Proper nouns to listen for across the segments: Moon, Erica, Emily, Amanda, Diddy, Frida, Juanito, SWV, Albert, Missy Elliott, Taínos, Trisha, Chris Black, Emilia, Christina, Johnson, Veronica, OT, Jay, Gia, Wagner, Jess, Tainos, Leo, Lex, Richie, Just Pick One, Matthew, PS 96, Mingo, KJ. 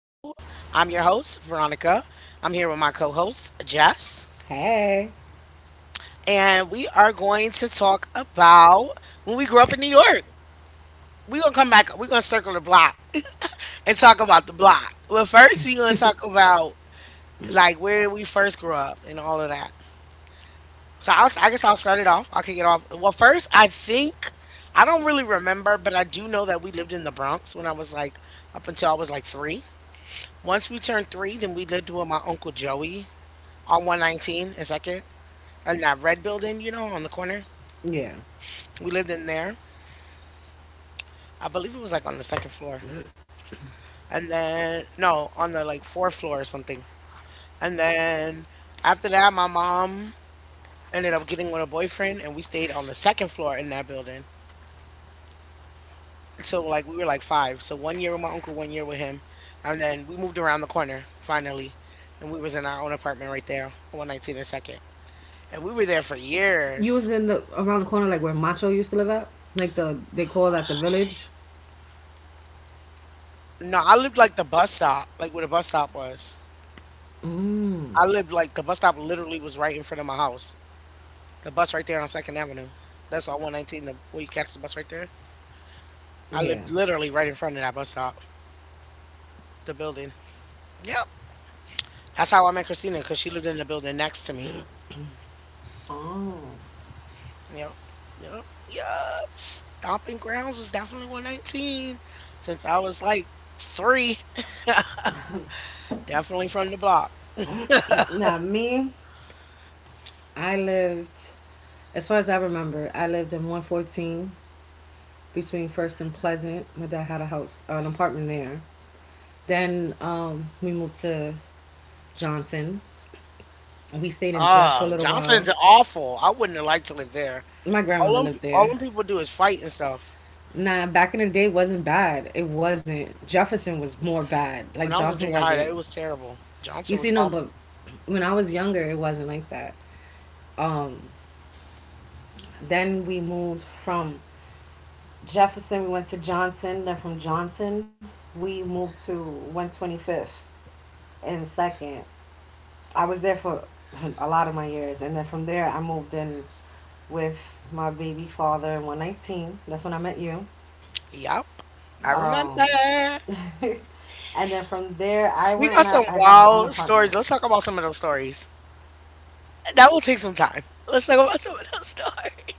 I'm your host, Veronica. I'm here with my co host, Jess. Hey. And we are going to talk about when we grew up in New York. We're going to come back, we're going to circle the block and talk about the block. But first, we're going to talk about like where we first grew up and all of that. So I guess I'll start it off. I'll kick it off. Well, first, I think. I don't really remember, but I do know that we lived in the Bronx when I was like up until I was like three. Once we turned three, then we lived with my uncle Joey on 119 and second, and that red building, you know, on the corner. Yeah. We lived in there. I believe it was like on the second floor, and then no, on the like fourth floor or something. And then after that, my mom ended up getting with a boyfriend, and we stayed on the second floor in that building. So like we were like five. So 1 year with my uncle, 1 year with him, and then we moved around the corner finally, and we was in our own apartment right there, on 119 and second, and we were there for You was years. in the around the corner like where Macho used to live at? Like they call that the village? No, I lived like the bus stop, like where the bus stop was. Mm. I lived like the bus stop literally was right in front of my house. The bus right there on Second Avenue. That's on 119, where you catch the bus right there. I Yeah. lived literally right in front of that bus stop, the building. Yep. That's how I met Christina, because she lived in the building next to me. Oh. Yep. Yep. Yep. Stomping grounds was definitely 119 since I was like three. Definitely from the block. Now me, I lived as far as I remember, I lived in 114 between First and Pleasant. My dad had a house, an apartment there. Then we moved to Johnson. We stayed in Jeff for a Ah, little while. Johnson's awful. I wouldn't have liked to live there. My grandmother All them, lived all there. them people do is fight and stuff. Nah, back in the day it wasn't bad. It wasn't. Jefferson was more bad. Like When I was in Johnson junior high, wasn't. it was terrible. You Johnson was see, no, but awful. when I was younger, it wasn't like that. Um, then we moved from Jefferson, we went to Johnson. Then from Johnson, we moved to 125th and Second. I was there for a lot of my years, and then from there, I moved in with my baby father in 119. That's when I met you. Yup. I remember. Um, and then from there, I We went and got I, some I got my own wild apartment. stories. Let's talk about some of those stories. That will take some time. Let's talk about some of those stories.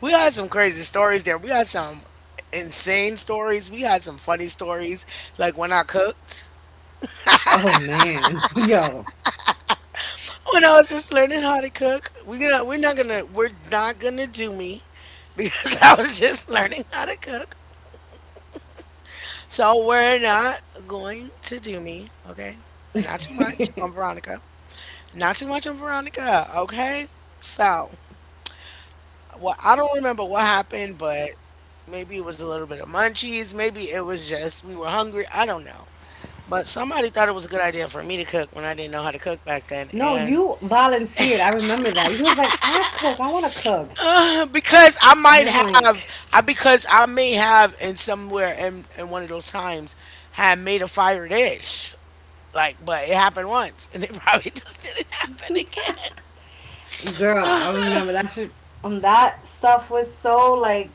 We had some crazy stories there. We had some insane stories. We had some funny stories, like when I cooked. Oh man, yo. When I was just learning how to cook. We gonna we're not gonna we're not gonna do me because I was just learning how to cook. So we're not going to do me, okay? Not too much on Veronica. Not too much on Veronica, okay? So, well, I don't remember what happened, but maybe it was a little bit of munchies. Maybe it was just we were hungry. I don't know. But somebody thought it was a good idea for me to cook when I didn't know how to cook back then. No, And you volunteered. I remember that. You was like, I cook. I want to cook. Because I And might I'm have, like, I may have in somewhere in one of those times had made a fire dish. Like, but it happened once, and it probably just didn't happen girl, I again. remember that shit. That stuff was so like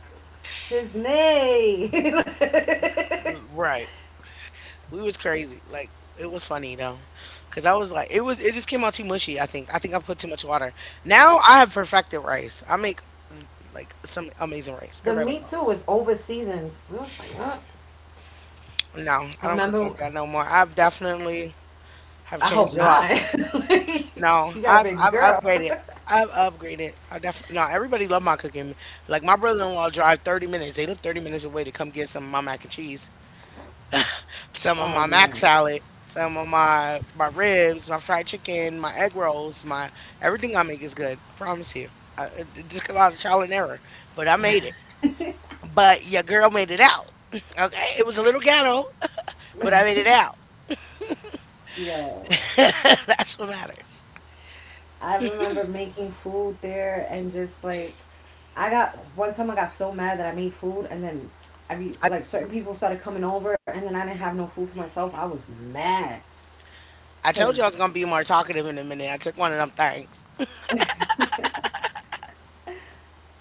shiznay. Right. We was crazy. Like it was funny though, because I was like, it was. It just came out too mushy. I think. I think I put too much water. Now I have perfected rice. I mm, like some amazing rice. The Everybody like meat my too rice. was over seasoned. We was like, "Mm." No, I I don't cook like remember. that no more. I've definitely have I hope changed a lot. not. No, You got a I've baby I've girl. upgraded. I've upgraded. I def no. Everybody love my cooking. Like my brother-in-law drive 30 minutes. They live 30 minutes away to come get some of my mac and cheese, some of Oh my mac man, salad, some of my ribs, my fried chicken, my egg rolls, my everything I make is good. I promise you. It just a lot of trial and error, but I made it. But your girl made it out. Okay, it was a little ghetto, but I made it out. yo. That's what matters. I remember making food there and just like I got one time I got so mad that I made food and then every I like certain people started coming over and then I didn't have no food for myself. I was mad I told you because I was gonna be more talkative in a minute. I took one of them things.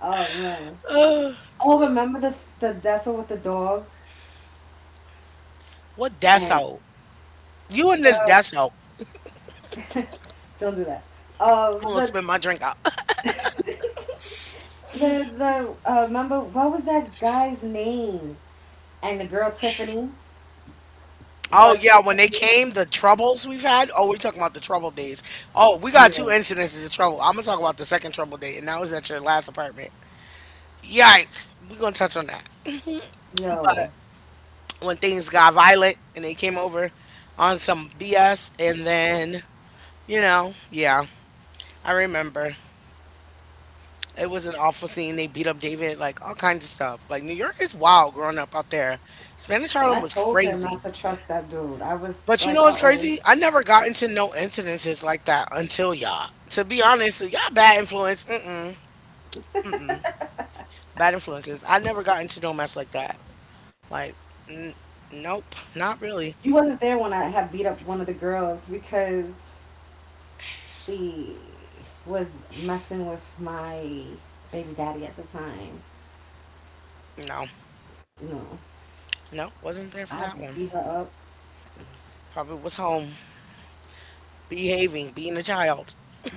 oh man. Ugh, Oh, remember the Dessel with the dog what and deso? You and this the deso don't do that. Um, almost the spit my drink out. The Remember what was that guy's name and the girl Tiffany, Oh dark skin yeah, when they Tiffany. came, the troubles we've had. Oh, we talking about the trouble days. Oh, we got two Yeah. incidences of trouble. I'm gonna talk about the second trouble day, and that was at your last apartment. Yikes. We're gonna touch on that. But Yo. when things got violent and they came over on some BS and then, you know, yeah, I remember. It was an awful scene. They beat up David, like all kinds of stuff. Like New York is wild growing up out there. Spanish But I Harlem was told him not crazy. to trust that dude. I was But you know like, what's uh oh. crazy? I never got into no incidences like that until y'all. To be honest, y'all bad influence. Mm-mm. Mm-mm. Bad influences. I never got into no mess like that. Like, n- nope. Not really. You wasn't there when I had beat up one of the girls because she was messing with my baby daddy at the time. No. You know, Nope. Wasn't there for I that one. beat her up. Probably was home. Behaving. Being a child.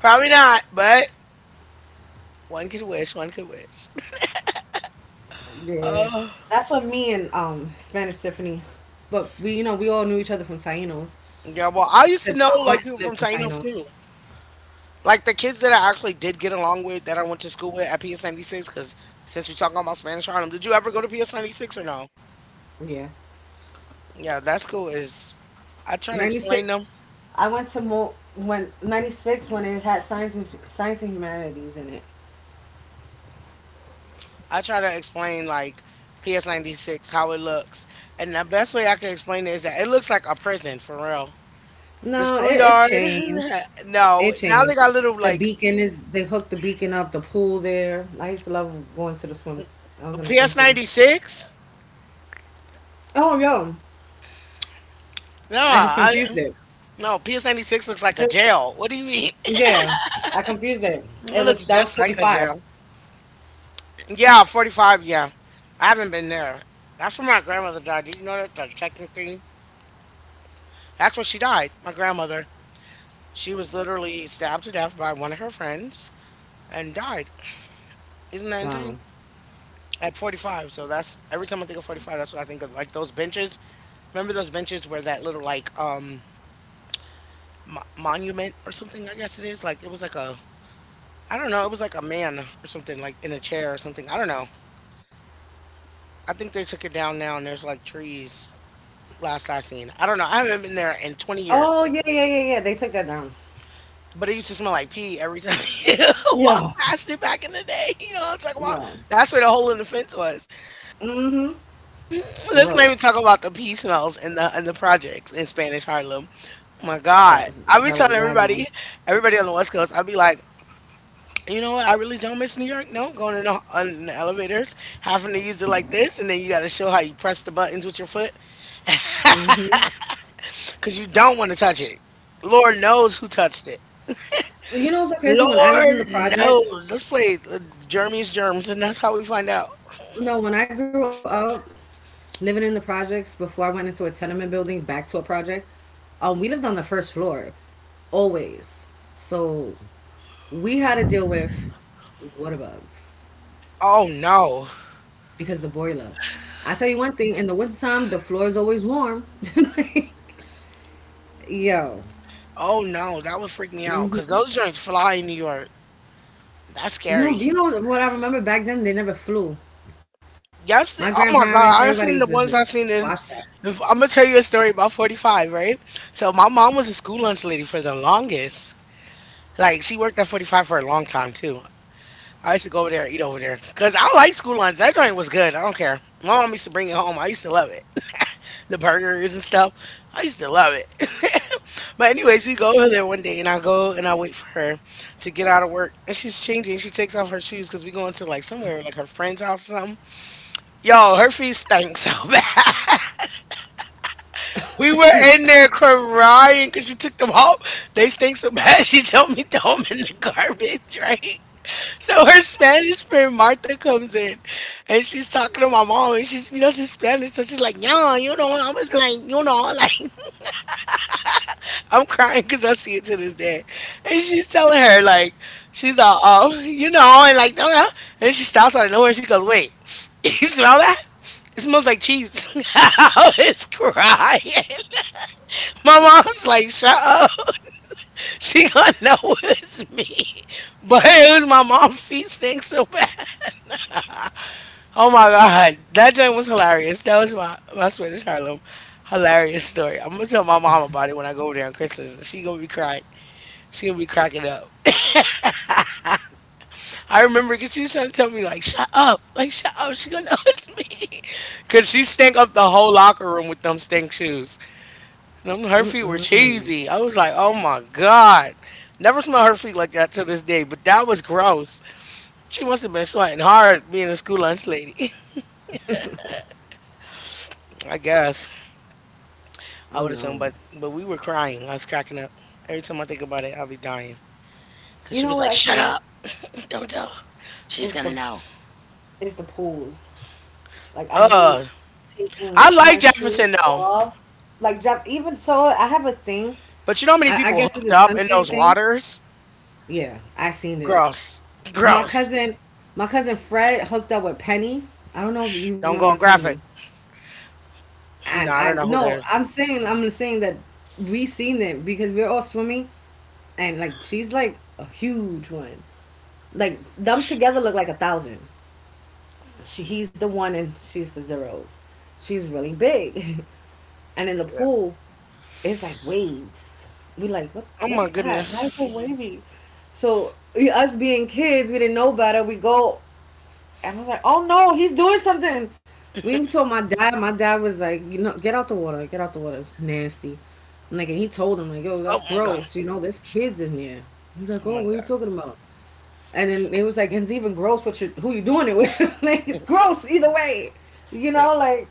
Probably not, but one could wish. One could wish. Yeah. Oh. That's what me and Spanish Tiffany, but we, you know, we all knew each other from Taínos Yeah, well, I used to because know my like aunt people from lived in Tainos Taínos. too. Like the kids that I actually did get along with that I went to school with at PS 96, because since we talking about Spanish Harlem, did you ever go to PS 96 or no? Yeah. Yeah, that school is. I try to explain 96, them. I went to Mo when 96 when it had science science and humanities in it. I try to explain like PS 96 how it looks, and the best way I can explain it is that it looks like a prison for real. The No, it schoolyard. changed. No, It now they changed. got little The like beacon is they hooked the beacon up, the pool there. I used to love going to the swim. I was in the swim PS team. 96. Oh yo, No, I just I confused it. no PS 96 looks like a jail. What do you mean? Yeah, I confused it. It It was looks that was just like forty a five. jail. Yeah, 45, yeah. I haven't been there. That's where my grandmother died. Did you know that, that technically? That's where she died. My grandmother. She was literally stabbed to death by one of her friends and died. Isn't that insane? Wow. At 45. So that's every time I think of 45, that's what I think of. Like those benches. Remember those benches where that little, like, monument or something, I guess it is? Like, it was like a, I don't know, it was like a man or something, like in a chair or something. I don't know. I think they took it down now and there's like trees. Last I've seen. I don't know. I haven't been there in 20 years, Oh yeah, yeah, yeah, yeah. They took that down. but it used to smell like pee every time you walk Yeah, past it back in the day. You know what I'm talking about? yeah. That's where the hole in the fence was. Mm-hmm. Let's not even Gross. talk about the pee smells and the projects in Spanish Harlem. Oh my That God. was I be that was telling Wagner. everybody, everybody on the West Coast, I'll be like, you know what? I really don't miss New York. No, going in in the elevators, having to use it like this, and then you got to show how you press the buttons with your foot because you don't want to touch it. Lord knows who touched it. You know what's so crazy? When I lived in the Lord projects, knows. Let's play Jeremy's Germs, and that's how we find out. no, when I grew up, living in the projects before I went into a tenement building, back to a project. We lived on the first floor, always. So we had to deal with water bugs Oh no. because the boiler. I tell you one thing: in the wintertime, the floor is always warm. Like, yo, Oh no, that would freak me out because those joints fly in New York. That's no, scary. you know what I remember back then? They never flew. My Yes. Oh my grandparents, everybody God, used to just I've seen watch in. that. I'm gonna tell you a story about 45, right? So my mom was a school lunch lady for the longest. Like she worked at 45 for a long time too. I used to go over there and eat over there because I like school lunch. That joint was good. I don't care. My mom used to bring it home. I used to love it. The burgers and stuff. I used to love it. But anyways, we go over there 1 day, and I go and I wait for her to get out of work, and she's changing. She takes off her shoes because we going to like somewhere like her friend's house or something. Yo, her feet stank so bad. We were in there crying because she took them off. They stink so bad. She told me throw them in the garbage, right? So her Spanish friend Martha comes in and she's talking to my mom and she's, you know, she's Spanish so she's like, yeah, you know, I was like, you know, like I'm crying because I see it to this day, and she's telling her like she's all, oh you know, and like, oh, yeah. And she stops out of nowhere and she goes, "Wait, you smell that? It smells like cheese." I was crying. My mom's like, "Shut up." "She gonna know it's me." But it was my mom's feet stink so bad. Oh my God, that joint was hilarious. That was my swear Harlem hilarious story. I'm gonna tell my mom about it when I go over there on Christmas. And she gonna be crying. She gonna be cracking up. I remember because she was trying to tell me like, "Shut up, like shut up. She gonna know it's me," cause she stank up the whole locker room with them stink shoes. And her feet were cheesy. I was like, oh my God, never smell her feet like that to this day. But that was gross. She must have been sweating hard being a school lunch lady. I guess. I Oh would no, assume, but we were crying. I was cracking up. Every time I think about it, I'll be dying. Cause you she know was what like, I "Shut can't up! Don't tell her. She's is gonna the know." is the pools. Like I hate Uh, taking I my like shoes Jefferson though, off. Like jump even so I have a thing. but you know how many I people guess it's hooked a up in sensory those thing. waters? Yeah, I seen it. Gross, My gross. cousin my cousin Fred hooked up with Penny. I don't know if you Don't remember go on Penny. graphic. No, And I don't I know who that no, is. I'm saying that we seen it because we're all swimming and like she's like a huge one. Like them together look like a thousand. She he's the one and she's the zeros. She's really big. And in the Yeah. pool, it's like waves. We like, Oh what my is that? Why is so goodness. wavy? So we- us being kids, we didn't know better. We go and I was like, oh no, he's doing something. We told my dad. My dad was like, you know, get out the water, get out the water. It's nasty. And like, and he told him like, yo, that's Oh my god. gross. You know, there's kids in there. He's like, Oh oh, what my are you talking about? And then it was like, it's even gross. What you who you doing it with? Like, god. it's gross either way. You Yeah. know, like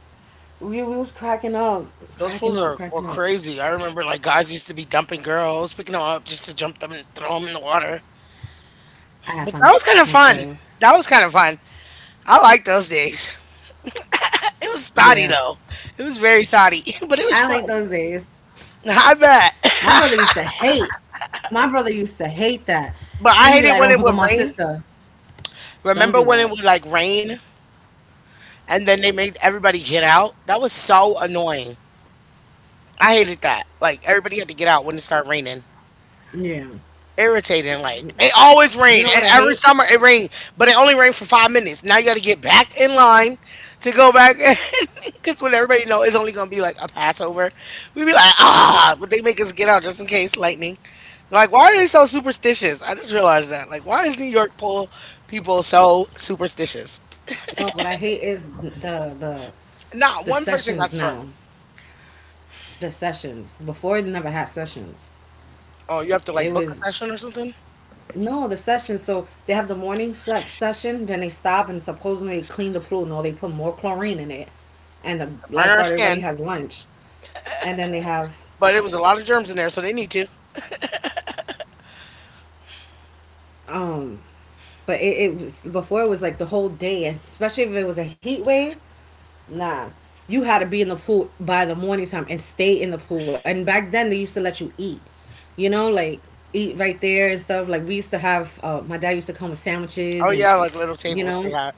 we, was cracking up, Those cracking pools up, are cracking up. crazy. I remember like guys used to be dumping girls, picking them up just to jump them and throw them in the water. I have fun But that was kind with of fun. those. That was kind of fun. I like those days. It was Yeah. thotty though. It was very thotty, I but like it was those fun. days. I My bet. brother used to hate. My brother used to hate that. But He'd be I like, Don't hated pick when on it my would rain. sister. Don't do Remember that. when it would like rain and then they made everybody get out? That was so annoying. I hated that. Like everybody had to get out when it started raining. Yeah. Irritating. Like it always You know rain, what I and hate? every summer it rained, but it only rained for 5 minutes. Now you got to get back in line to go back because when everybody know it's only gonna be like a Passover, we be like Yep. ah, but they make us get out just in case lightning. Like why are they so superstitious? I just realized that. Like why is New York pool people so superstitious? No, what I hate is the Not the one person got sessions struck. now. The sessions. Before it never had sessions. Oh, you have to It like book a was session or something no the sessions. So they have the morning se- session, then they stop and supposedly clean the pool. No, they put more chlorine in it, and to the burn our lifeguard skin. everybody has lunch, and then they have. But it was a lot of germs in there, so they need to. Um, but it was before it was like the whole day, especially if it was a heat wave. Nah, you had to be in the pool by the morning time and stay in the pool. And back then they used to let you eat, you know, like eat right there and stuff. Like we used to have, my dad used to come with sandwiches, Oh and yeah, like little you tables they know, had.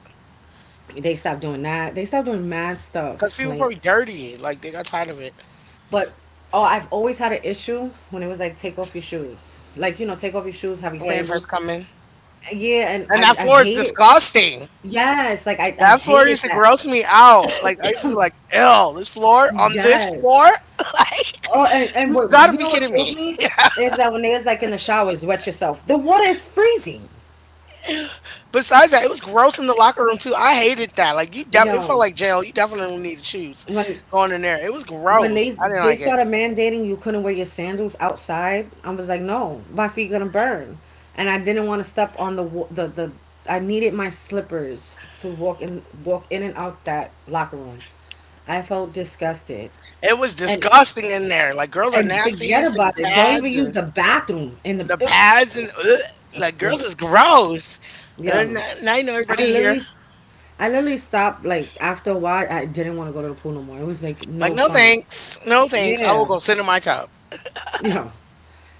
they stopped doing that. They stopped doing mad Because stuff. people Like, probably dirty. Like they got tired of it but oh, I've always had an issue when it was like take off your shoes. Like you know, take off your shoes, have your when you first sandals. come in. Yeah, and And that I floor is hate it. disgusting. Yes, like I That floor hated used to that. gross me out. Like I used to be like, "Ew, this floor on this Yes. floor." Like Oh, and you've what got to you be know what kidding killed me. me is that when they was like in the showers, wet yourself. The water is freezing. Besides that, it was gross in the locker room too. I hated that. Like you, it felt Yo, like jail. You definitely needed shoes when going in there. It was when gross. I didn't they like it. started mandating you couldn't wear your sandals outside, I was like, no, my feet gonna burn, and I didn't want to step on the wa- the the. I needed my slippers to walk in walk in and out that locker room. I felt disgusted, It was and disgusting in there. Like girls are and nasty. It forget used to be about it. Don't even pads use and the bathroom in the. the pads and ugh, like girls is gross. And then Yo, now you know I everybody here. literally, I literally stopped. Like after a while, I didn't want to go to the pool no more. It was like Like, no no fun. thanks. No thanks. I will Yeah, go sit in my tub. yo,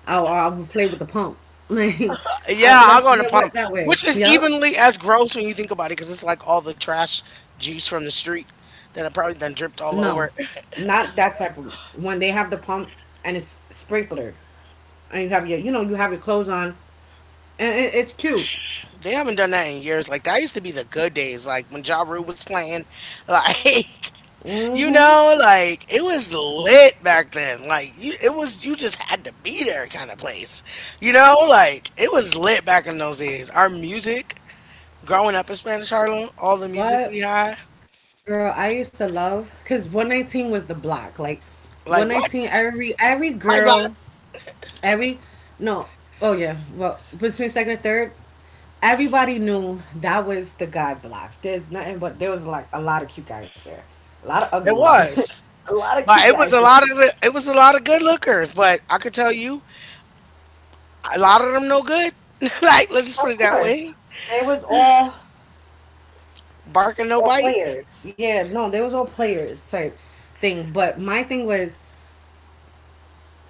I would play with the pump. Like, Yeah, I'll let's go in the get wet pump, that way. which is Yep. evenly as gross when you think about it because it's like all the trash juice from the street that I probably done dripped all No, over. not that type of. When they have the pump and it's sprinkler, and you have your, you know, you have your clothes on, and it's cute. They haven't done that in years. Like, that used to be the good days. Like, when Ja Rule was playing, like, you Mm-hmm. know, like, it was lit back then. Like, you, it was, you just had to be there kind of place. You know, like, it was lit back in those days. Our music, growing up in Spanish Harlem, all the music But we had. girl, I used to love because 119 was the block. Like Like 119, what? Every My girl. block. Every no Oh yeah, well between second and third, everybody knew that was the guy block. There's nothing but there was like a lot of cute guys there, a lot of ugly It ones, but was. a lot of cute But it was guys a there. lot of it was a lot of good lookers, but I could tell you a lot of them no good. Like let's just put Of it that course way. they was Bark and no all bite. players. Yeah, no, they was all players type thing. But my thing was,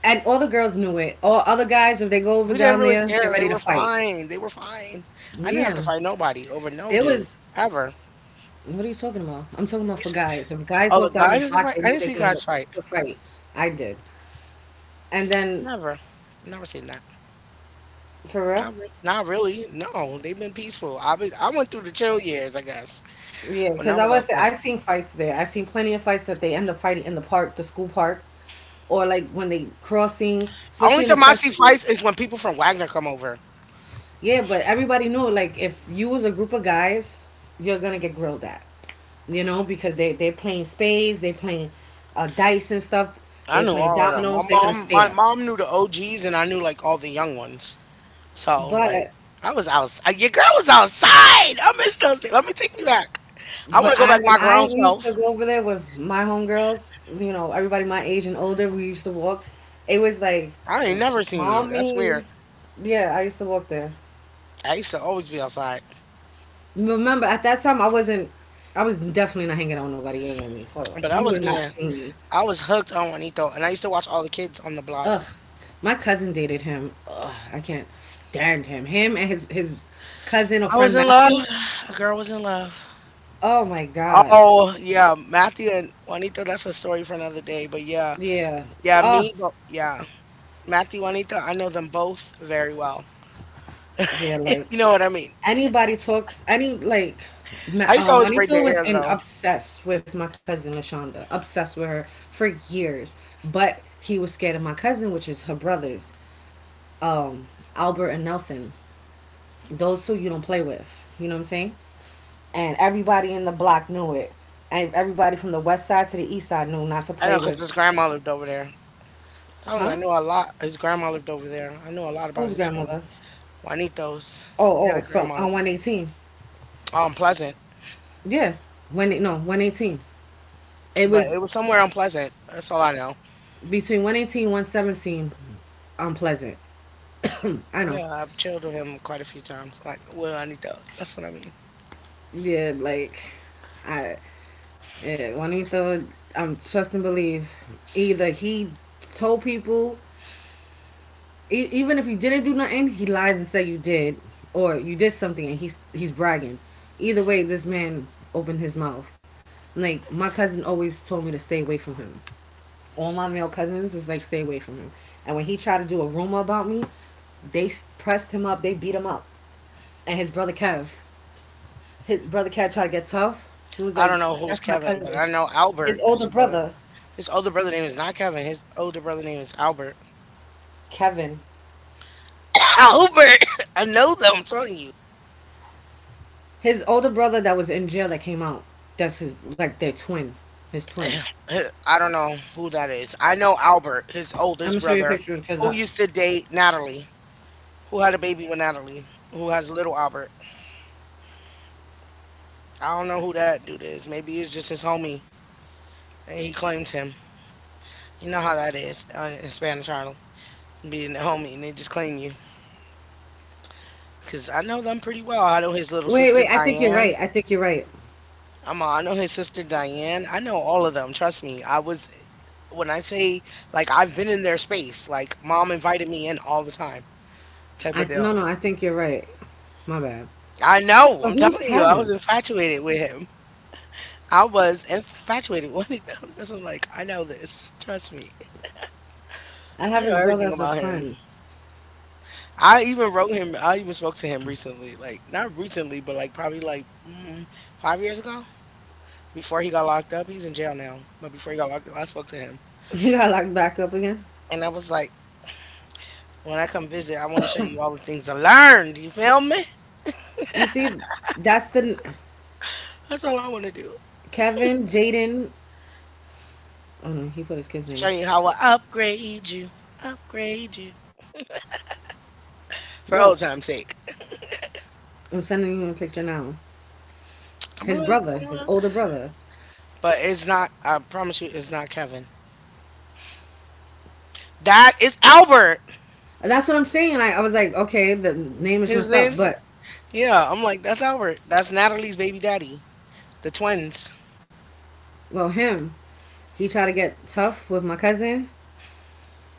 and all the girls knew it, all other guys, if they go over We didn't down really there, get care. They ready to were fight. fine. They were fine. I didn't have to Yeah, fight nobody over no there dude was. ever. What are you talking about? I'm talking about You for said, guys. If guys oh, walk the down the guys is block, fight. they I know didn't they're see gonna go guys fight. to a fight. I did, and then Never. Never seen that. for real, Not really. No, they've been peaceful. I been, I went through the chill years, I guess. yeah, When I because was outside, I seen fights there. I seen plenty of fights that they end up fighting in the park, the school park, or like when they crossing, especially only in the time I see festival. fights is when people from Wagner come over. Yeah, but everybody knew like if you was a group of guys, you're gonna get grilled at, you know, because they playing spades, they playing dice and stuff, I they knew playing all of them. My dominoes. They're gonna mom, my stare, mom knew the OGs, and I knew like all the young ones. So but. like, I was outside. Your girl was outside. I miss those days. Let me take you back. I want But to go I back when my I grown used to self. go over there with my homegirls, you know, everybody my age and older, we used to walk. It was like, I yo, ain't sh- never seen you. That's mommy. weird. Yeah, I used to walk there. I used to always be outside, Remember, at that time, I wasn't. I was definitely not hanging out with nobody younger than me, so but you would not see me. I was hooked on Juanito, and I used to watch all the kids on the block. Ugh, my cousin dated him. Ugh, I can't stand him. Him and his cousin or I was friend in love. Matthew. A girl was in love. Oh my god. Oh yeah, Matthew and Juanito. That's a story for another day. But yeah, Yeah. yeah, Ugh. me, but yeah, Matthew, Juanito. I know them both very well. Yeah, You like know what I mean? anybody talks, any like I used to always braid Juanito their was hair in though. obsessed with my cousin Lashonda, obsessed with her for years. But he was scared of my cousin, which is her brothers, um, Albert and Nelson. Those two you don't play with. You know what I'm saying? And everybody in the block knew it. And everybody from the west side to the east side knew not to I play know because with. his grandma lived over there. So yeah, I Huh? knew a lot. His grandma lived over there. I knew a lot about Whose his family. grandmother? Juanitos. He Oh, had a oh, from grandma. on 118. Oh, unpleasant. Yeah, when no 118. It But was it was somewhere unpleasant. That's all I know. between 118 and 117. Unpleasant. I know. Yeah, I've chilled with him quite a few times. Like Will Anito. That's what I mean. Yeah, like, I yeah, Juanito, I'm trust and believe, either he told people, even if you didn't do nothing, he lies and say you did, or you did something, and he's bragging. Either way, this man opened his mouth. Like, my cousin always told me to stay away from him. All my male cousins was like, stay away from him. And when he tried to do a rumor about me, they pressed him up, they beat him up, and his brother Kev. His brother Kev tried to get tough. He was I like, don't know who's "That's my Kevin, but cousin." I know Albert, His his older brother. brother His older brother name is not Kevin. His older brother name is Albert. Kevin. Albert. I know them. I'm telling you. His older brother that was in jail that came out. That's his like their twin. His twin. I don't know who that is. I know Albert, his I'm oldest gonna show you a brother, picture because who I. used to date Natalie, who had a baby with Natalie, who has little Albert. I don't know who that dude is. Maybe it's just his homie, and he claims him. You know how that is in Spanish Harlem, being a homie, and they just claim you. Cause I know them pretty well. I know his little Wait, sister wait. I think you're right. Diane. I think you're right. I know his sister Diane. I know all of them. Trust me. I was when I say Like I've been in their space. Like mom invited me in all the time, type of I No, deal. no. I think you're right. My bad. I know. So I'm who's telling you, I was Kevin? infatuated with him. I was infatuated with him. That's what? This I'm like, I know this. Trust me. I I have know his brother everything as a about him. friend. I even wrote him. I even spoke to him recently. Like, not recently, but like probably like 5 years ago. Before he got locked up, he's in jail now. But before he got locked up, I spoke to him, He got locked back up again. and I was like, when I come visit, I want to show you all the things I learned. You feel me? You see, that's the That's all I want to do. Kevin, Jaden. Oh no, he put his kids' Show names. you how I upgrade you Look, for old time's sake. I'm sending you a picture now. I'm a His little. brother, his older brother. But it's not. I promise you, it's not Kevin. That is Albert. And that's what I'm saying. Like, I was like, okay, the name is His messed up, name's but yeah. I'm like that's Albert. That's Natalie's baby daddy. The twins. well, him, he tried to get tough with my cousin,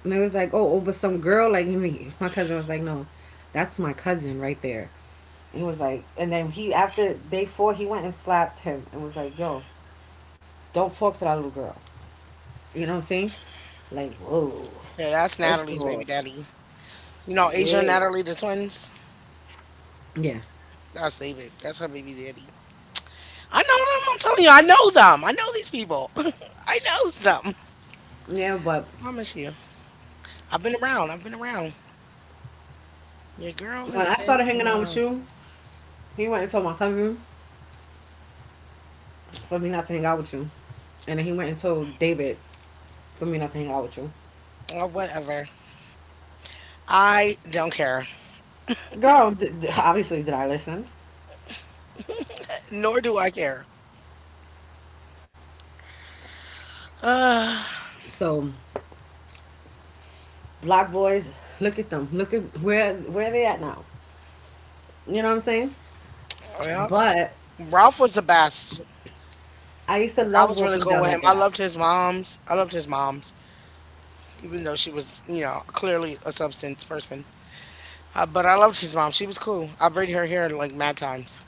and it was like, oh, over some girl. Like, my cousin was like, no, that's my cousin right there. And he was like, and then he after day four, he went and slapped him and was like, yo, don't talk to that little girl. You know what I'm saying? Like, whoa. Yeah, that's First of Natalie's baby all, daddy. You know, Asia and yeah, Natalie, the twins. yeah, That's they baby. That's her baby daddy. I know them. I'm telling you, I know them. I know these people. I knows them. yeah. But Promise you. I've been around. I've been around. Your girl when has I been started hanging out with around. you, he went and told my cousin for me not to hang out with you. And then he went and told David for me not to hang out with you. Or whatever. I don't care. Girl, obviously, did I listen? Nor do I care. Uh, So black boys, look at them. Look at where they at now. You know what I'm saying? Yeah. But Ralph was the best. I used to Like I love was really walking cool down with him. that I block. loved his mom's. I loved his mom's, even though she was, you know, clearly a substance person. But I loved his mom. She was cool. I braided her hair like mad times.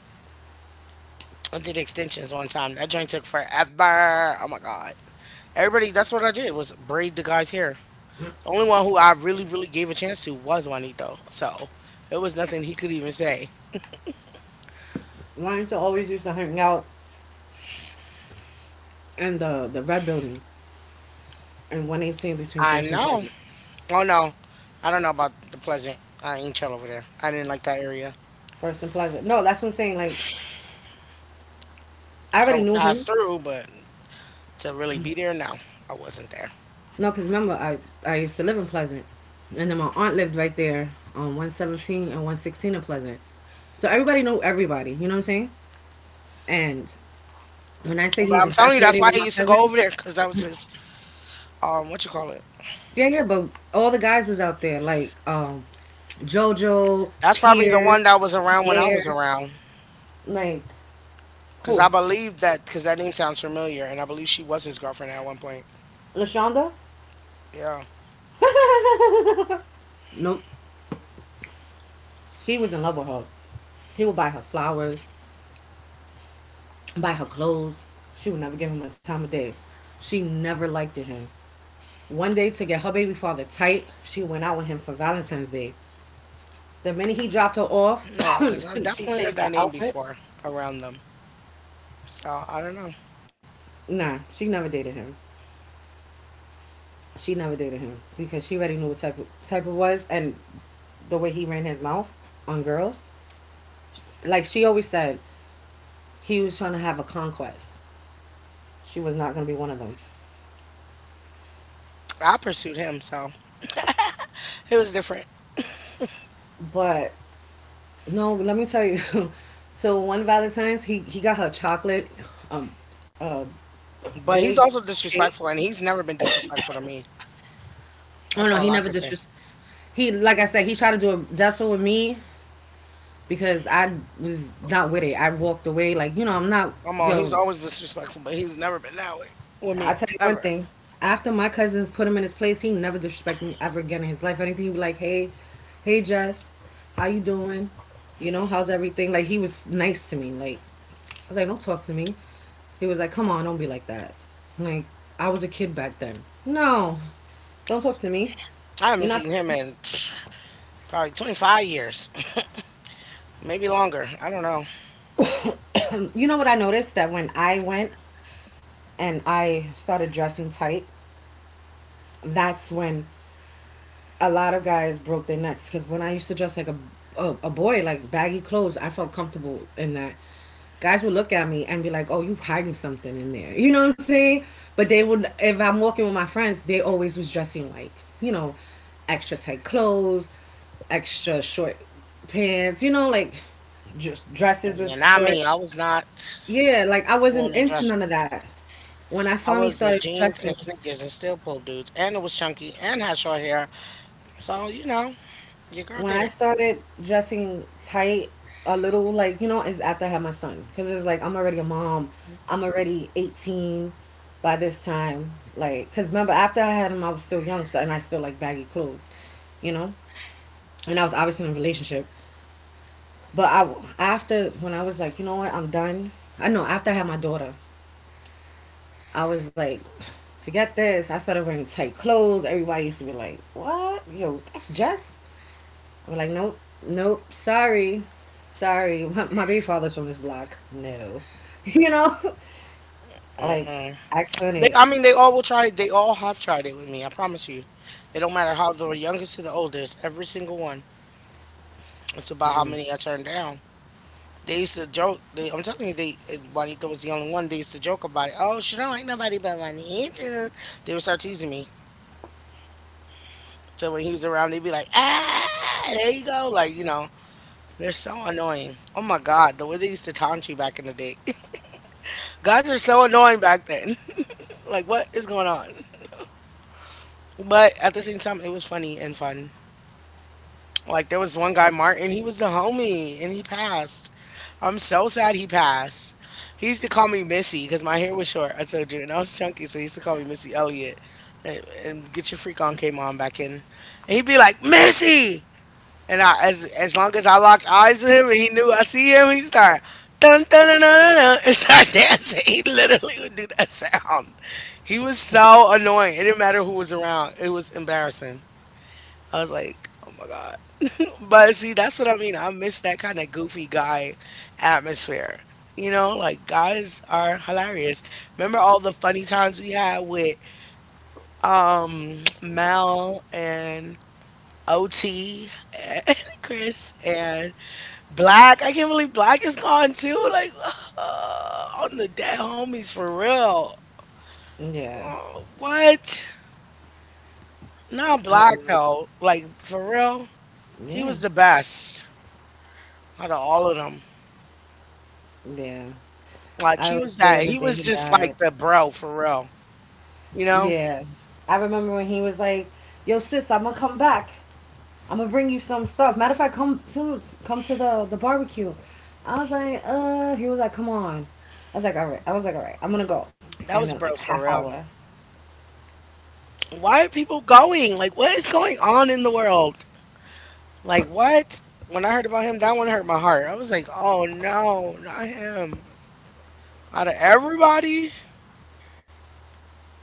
I did extensions one time. That joint took forever. Oh my god. Everybody, that's what I did was braid the guy's hair. The only one who I really, really gave a chance to was Juanito. So it was nothing he could even say. Why used to always used to hang out in the red building in 118 between I First and know. Pleasant. Oh no, I don't know about the Pleasant. I ain't chill over there. I didn't like that area. First and Pleasant. No, that's what I'm saying. Like, I I already would knew pass him. through, but to really be there. No, I wasn't there. No, because remember, I used to live in Pleasant. And then my aunt lived right there on 117 and 116 in Pleasant. So everybody know everybody, you know what I'm saying? And when I say he But was I'm telling you, that's infatuated why with I my used to go cousin, over there because that was his. What you call it. yeah, yeah, but all the guys was out there, like, JoJo, That's probably the one Pierce, that was around when I was Pierre, around like, because who? I believe that because that name sounds familiar, and I believe she was his girlfriend at one point. LaShonda? Yeah, Nope. He was in love with her. He would buy her flowers, buy her clothes. She would never give him a time of day. She never liked him. One day, to get her baby father tight, she went out with him for Valentine's Day. The minute he dropped her off, no, because I she definitely heard changed her that name outfit. before around them. So I don't know. Nah, she never dated him. She never dated him because she already knew what type of was, and the way he ran his mouth on girls. Like she always said, he was trying to have a conquest. She was not gonna be one of them. I pursued him, so it was different. But no, let me tell you. So one Valentine's, he got her chocolate, um, a But he's big also cake. disrespectful, and he's never been disrespectful to me. Oh That's no, he all I never can say. disres, he like I said, he tried to do a tussle with me because I was not with it. I walked away like, you know, I'm not, Come on, he's yo. always disrespectful, but he's never been that way with I me tell you one ever. thing. After my cousins put him in his place, he never disrespected me ever again in his life. Anything, he be like, hey, hey Jess, how you doing? You know, how's everything? Like, he was nice to me. Like, I was like, don't talk to me. He was like, come on, don't be like that. Like, I was a kid back then. No, don't talk to me. I We're haven't not seen him friends. in probably 25 years, maybe longer. I don't know. You know what I noticed that when I went and I started dressing tight, that's when a lot of guys broke their necks. Because when I used to dress like a boy, like baggy clothes, I felt comfortable in that. Guys would look at me and be like, "Oh, you hiding something in there," you know what I'm saying? But they would, if I'm walking with my friends, they always was dressing like, you know, extra tight clothes, extra short pants, you know, like, just dresses And then was not short. me. I was not Yeah, like, I doing wasn't the into dresses. none of that. When I I finally was the started jeans dressing, and sneakers and still pull dudes, and it was chunky and had short hair. So you know, your girl when did I it. started dressing tight a little, like, you know, is after I had my son. Because it's like, I'm already a mom. I'm already 18 by this time. Like, because remember, after I had him, I was still young. So, and I still like baggy clothes, you know? And I was obviously in a relationship. But I, after, when I was like, you know what, I'm done. I know, after I had my daughter, I was like, forget this. I started wearing tight clothes. Everybody used to be like, what? Yo, that's Jess? We're like, nope, nope, sorry, sorry. My baby father's from this block. No, you know, like, Mm-mm. I They, couldn't. I mean, they all will try. They all have tried it with me. I promise you. It don't matter how the youngest to the oldest, every single one. It's about how many I turned down. They used to joke. I'm telling you, Juanita was the only one. They used to joke about it. Oh, she don't like nobody but Juanita. They would start teasing me. So when he was around, they'd be like, ah, there you go. Like, you know, they're so annoying. Oh my God, the way they used to taunt you back in the day. Guys are so annoying back then. Like, what is going on? But at the same time, it was funny and fun. Like, there was one guy, Martin, he was the homie and he passed. I'm so sad he passed. He used to call me Missy because my hair was short. I told you, and I was chunky, so he used to call me Missy Elliott. And get your freak on K mom back in. And he'd be like, Missy! And I, as long as I locked eyes with him and he knew I see him, he started dun dun dun dun dun dun, and start dancing. He literally would do that sound. He was so annoying. It didn't matter who was around. It was embarrassing. I was like, oh my God. But see, that's what I mean. I miss that kind of goofy guy atmosphere. You know, like guys are hilarious. Remember all the funny times we had with Mel and OT and Chris Black. I can't believe Black is gone too. Like, on the dead homies for real. Yeah, Oh, what? Not I Black remember. though. Like for real, he Yeah, was the best out of all of them. yeah. Like I he was was there that. the He day was he just like died. the bro for real. You know, Yeah, I remember when he was like, "Yo, sis, I'm gonna come back. I'm gonna bring you some stuff. Matter of fact, come to the barbecue." I was like, he was like, "Come on." I was like, "All right." I was like, "All right, I'm gonna go." And that then was like a bro half for real. hour, Why are people going? Like, what is going on in the world? Like, what? When I heard about him, that one hurt my heart. I was like, oh no, not him. Out of everybody,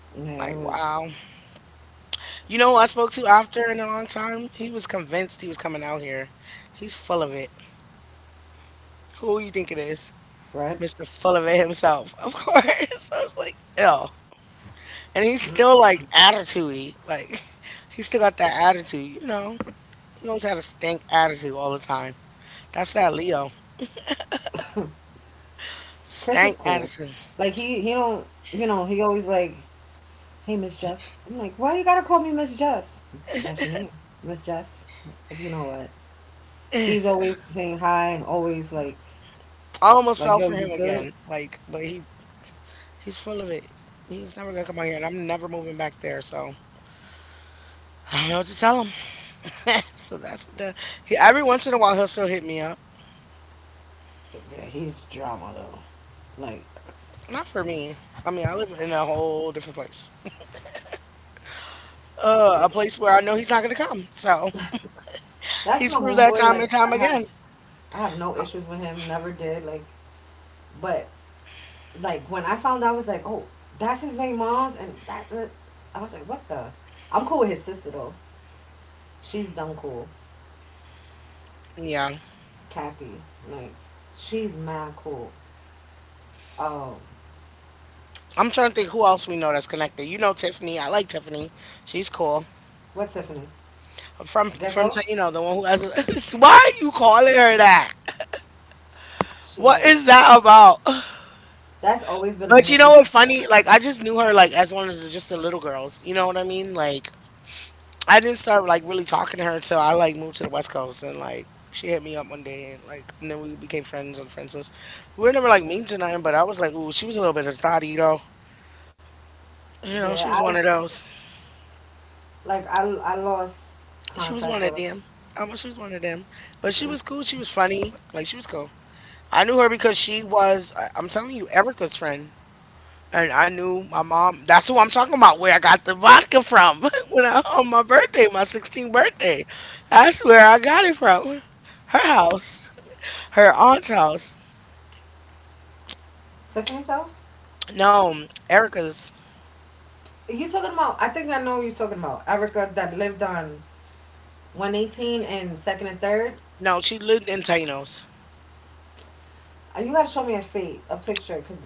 yeah, it like, was wow. You know who I spoke to after in a long time? He was convinced he was coming out here. He's full of it. Who you think it is? right. Mr. Full of it himself, of course. I was like, ill. And he's still like attitude. Like he still got that attitude, you know. He always had a stank attitude all the time. That's that Leo. Chris is Stank cool. attitude. Like, he don't, you know, he always like, hey Miss Jess. I'm like, why you gotta call me Miss Jess? That's your name, Miss Jess. Like, you know what? Eh. He's always saying hi. Always like I almost like fell yo, for you him good? again. Like, but he's full of it. He's never gonna come out here and I'm never moving back there, so I don't know what to tell him. So that's the he, every once in a while he'll still hit me up. Yeah, he's drama though. Like Not for me. I mean, I live in a whole different place. A like place where I know he's not gonna come. So that's he's my proved that homeboy. time Like, and time again. I have no issues with him. Never did. Like, but like, when I found out, I was like, oh, that's his main mom's and I was like, what the. I'm cool with his sister though. She's dumb cool. Yeah. Kathy. Like, she's mad cool. Oh, I'm trying to think who else we know that's connected. You know Tiffany. I like Tiffany. She's cool. what Tiffany? From Gecko? you know the one who has. Why are you calling her that? She What knew. is that about? That's always been But a you know nickname what for funny? her. Like I just knew her like as one of the just the little girls. You know what I mean? Like I didn't start like really talking to her until I like moved to the West Coast and like she hit me up one day and like and then we became friends on friends list. We were never like mean to nothing, but I was like, ooh, she was a little bit of a thotty though. You know, she Yeah, was one of I've, those. like, I lost She was contact one of with them. She was one of them. But she was cool. She was funny. Like she was cool. I knew her because she was. I'm telling you, Erica's friend. And I knew my mom. That's who I'm talking about. Where I got the vodka from when I on my birthday, my 16th birthday. That's where I got it from. Her house. Her aunt's house. Tiffany's house. No, Erica's. You talking about? I think I know who you talking about, Erica that lived on 118 and second and third. No, she lived in Tanos. You gotta show me a fate, a picture, cause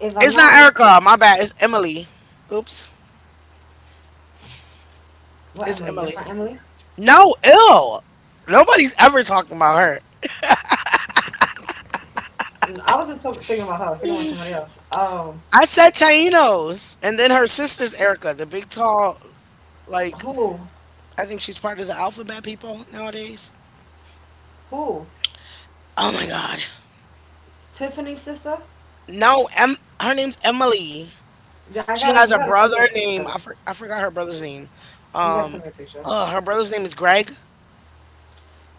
if I'm It's not not mis, Erica. My bad. It's Emily. Oops. what It's Emily? Your friend Emily. Emily? No, ill. Nobody's ever talking about her. I wasn't talk- thinking about her. I was thinking about somebody else. I said Taino's, and then her sister's Erica, the big tall, like, Who? I think she's part of the alphabet people nowadays. Who? Oh my God. Tiffany's sister? No, her name's Emily. Yeah, I She gotta. You has a gotta send me a brother picture. named I, I forgot her brother's name. You gotta send me Um, a picture, her brother's name is Greg.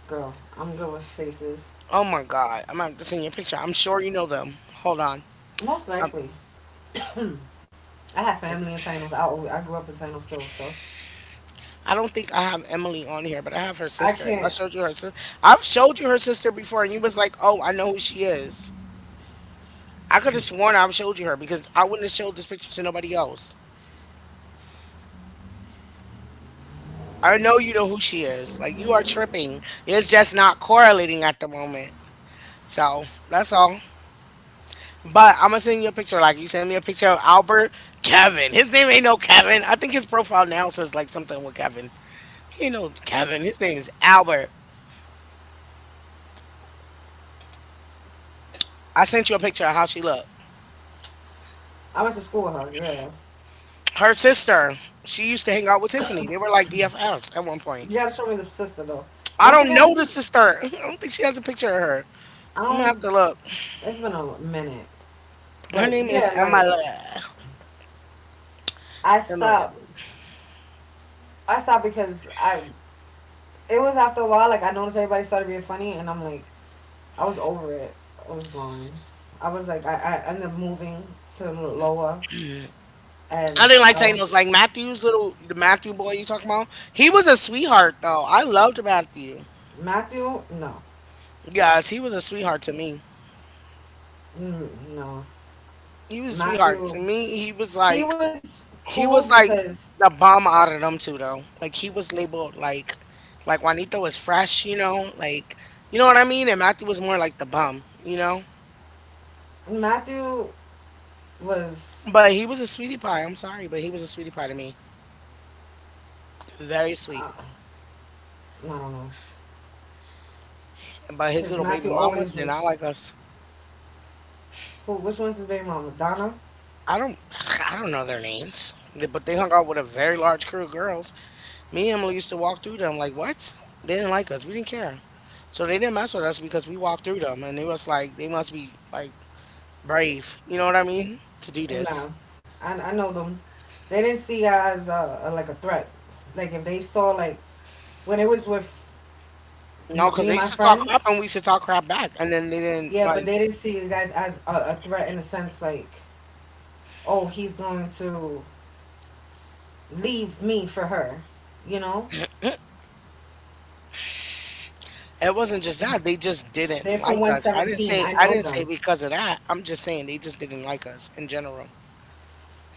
girl. I'm good with faces. Oh my God. I'm about to send you a picture. I'm sure you know them. Hold on. Most Um, likely, I have family in Tanos. I grew up in Tanos too, so I don't think I have Emily on here, but I have her I sister. I can't. showed you her sister. I've showed you her sister before, and you was like, "Oh, I know who she is." I could have sworn I've showed you her because I wouldn't have showed this picture to nobody else. I know you know who she is. Like you are tripping. It's just not correlating at the moment. So that's all. But I'm gonna send you a picture. Like you sent me a picture of Albert Kevin. His name ain't no Kevin. I think his profile now says like something with Kevin. He know, Kevin. His name is Albert. I sent you a picture of how she looked. I went to school with her. Yeah, Her sister, she used to hang out with Tiffany. They were like BFFs at one point. you gotta show me the sister though. I Once don't again, this know the is sister. I don't think she has a picture of her. I I'm gonna don't. have to look. It's been a minute, Her but name is yeah, like, Emilia. I Emilia. stopped. I stopped because I. It was after a while. Like, I noticed everybody started being funny, and I'm like, I was over it. I was gone. I was like, I ended up moving to Loa, I and didn't like I was. Thanos. Like Matthew's little, the Matthew boy you talking about. He was a sweetheart though. I loved Matthew. Matthew, no, Guys, he was a sweetheart to me. mm, no, He was a sweetheart to Matthew. me. He was He like. was He cool was like because the bomb out of them two though. Like he was labeled like Juanito was fresh, you know, like you know what I mean? And Matthew was more like the bum, you know? Matthew was, But he was a sweetie pie, I'm sorry, but he was a sweetie pie to me. Very sweet. I don't know But his because little baby Matthew mama always did not was. like us. Who? Which one's his baby mama? Donna? I don't I don't know their names. They- But they hung out with a very large crew of girls. Me and Emily used to walk through them like what? They didn't like us. We didn't care. So they didn't mess with us because we walked through them and it was like they must be like brave. You know what I mean? To do this, No, I know them. They didn't see as like a threat. Like if they saw like when it was with you know, because me they and my used to talk crap friends, and we used to talk crap back, and then they didn't yeah, but like. they didn't see you guys as a threat in a sense like, oh, he's going to leave me for her, you know. It wasn't just that they just They're didn't from like us. 117. I I know didn't say them. because of that. I'm just saying they just didn't like us in general.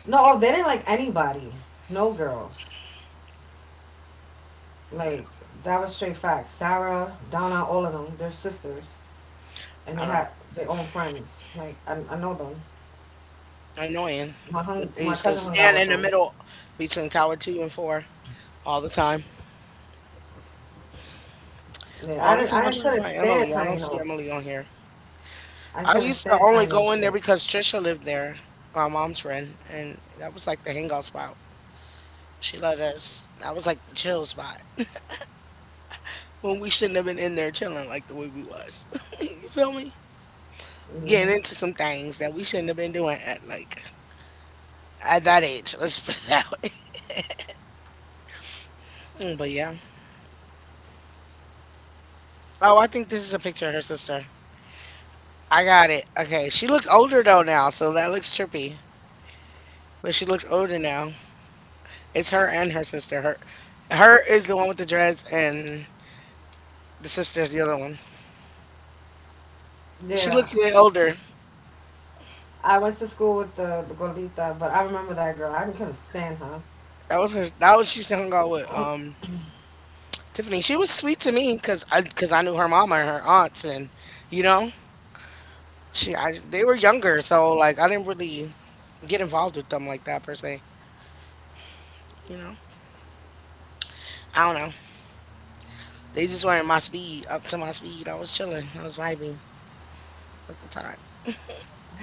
No, oh, they didn't like anybody. No girls. Yeah, Like, that was straight facts. Sarah, Donna, all of them. They're sisters, and they I don't had their own friends. Like, I know them. annoying, but they My used to cousin hung out stand with in the them. middle between Tower Two and Four all the time. Yeah, I All the didn't. time. I I'm didn't trying to couldn't find Emily. stand I don't see Taino. Emily on here. I I couldn't used to stand only Taino go in there chicks. because Trisha lived there, my mom's friend, and that was like the hangout spot. She let us. That was like the chill spot when we shouldn't have been in there chilling like the way we was. You feel me? Getting Hmm. into some things that we shouldn't have been doing at like at that age. Let's put it that way. Mm, but yeah. Oh, I think this is a picture of her sister. I got it. Okay, she looks older though now, so that looks trippy. But she looks older now. It's her and her sister. Her, her is the one with the dreads, and the sister's the other one. She Yeah, looks way older. I went to school with the Golita, but I remember that girl. I couldn't stand her. That was her. That was she's hung out with. Tiffany, she was sweet to me because I knew her mama and her aunts, and you know, she I, they were younger, so like I didn't really get involved with them like that per se. You know, I don't know. They just weren't my speed, up to my speed. I was chilling, I was vibing at the time.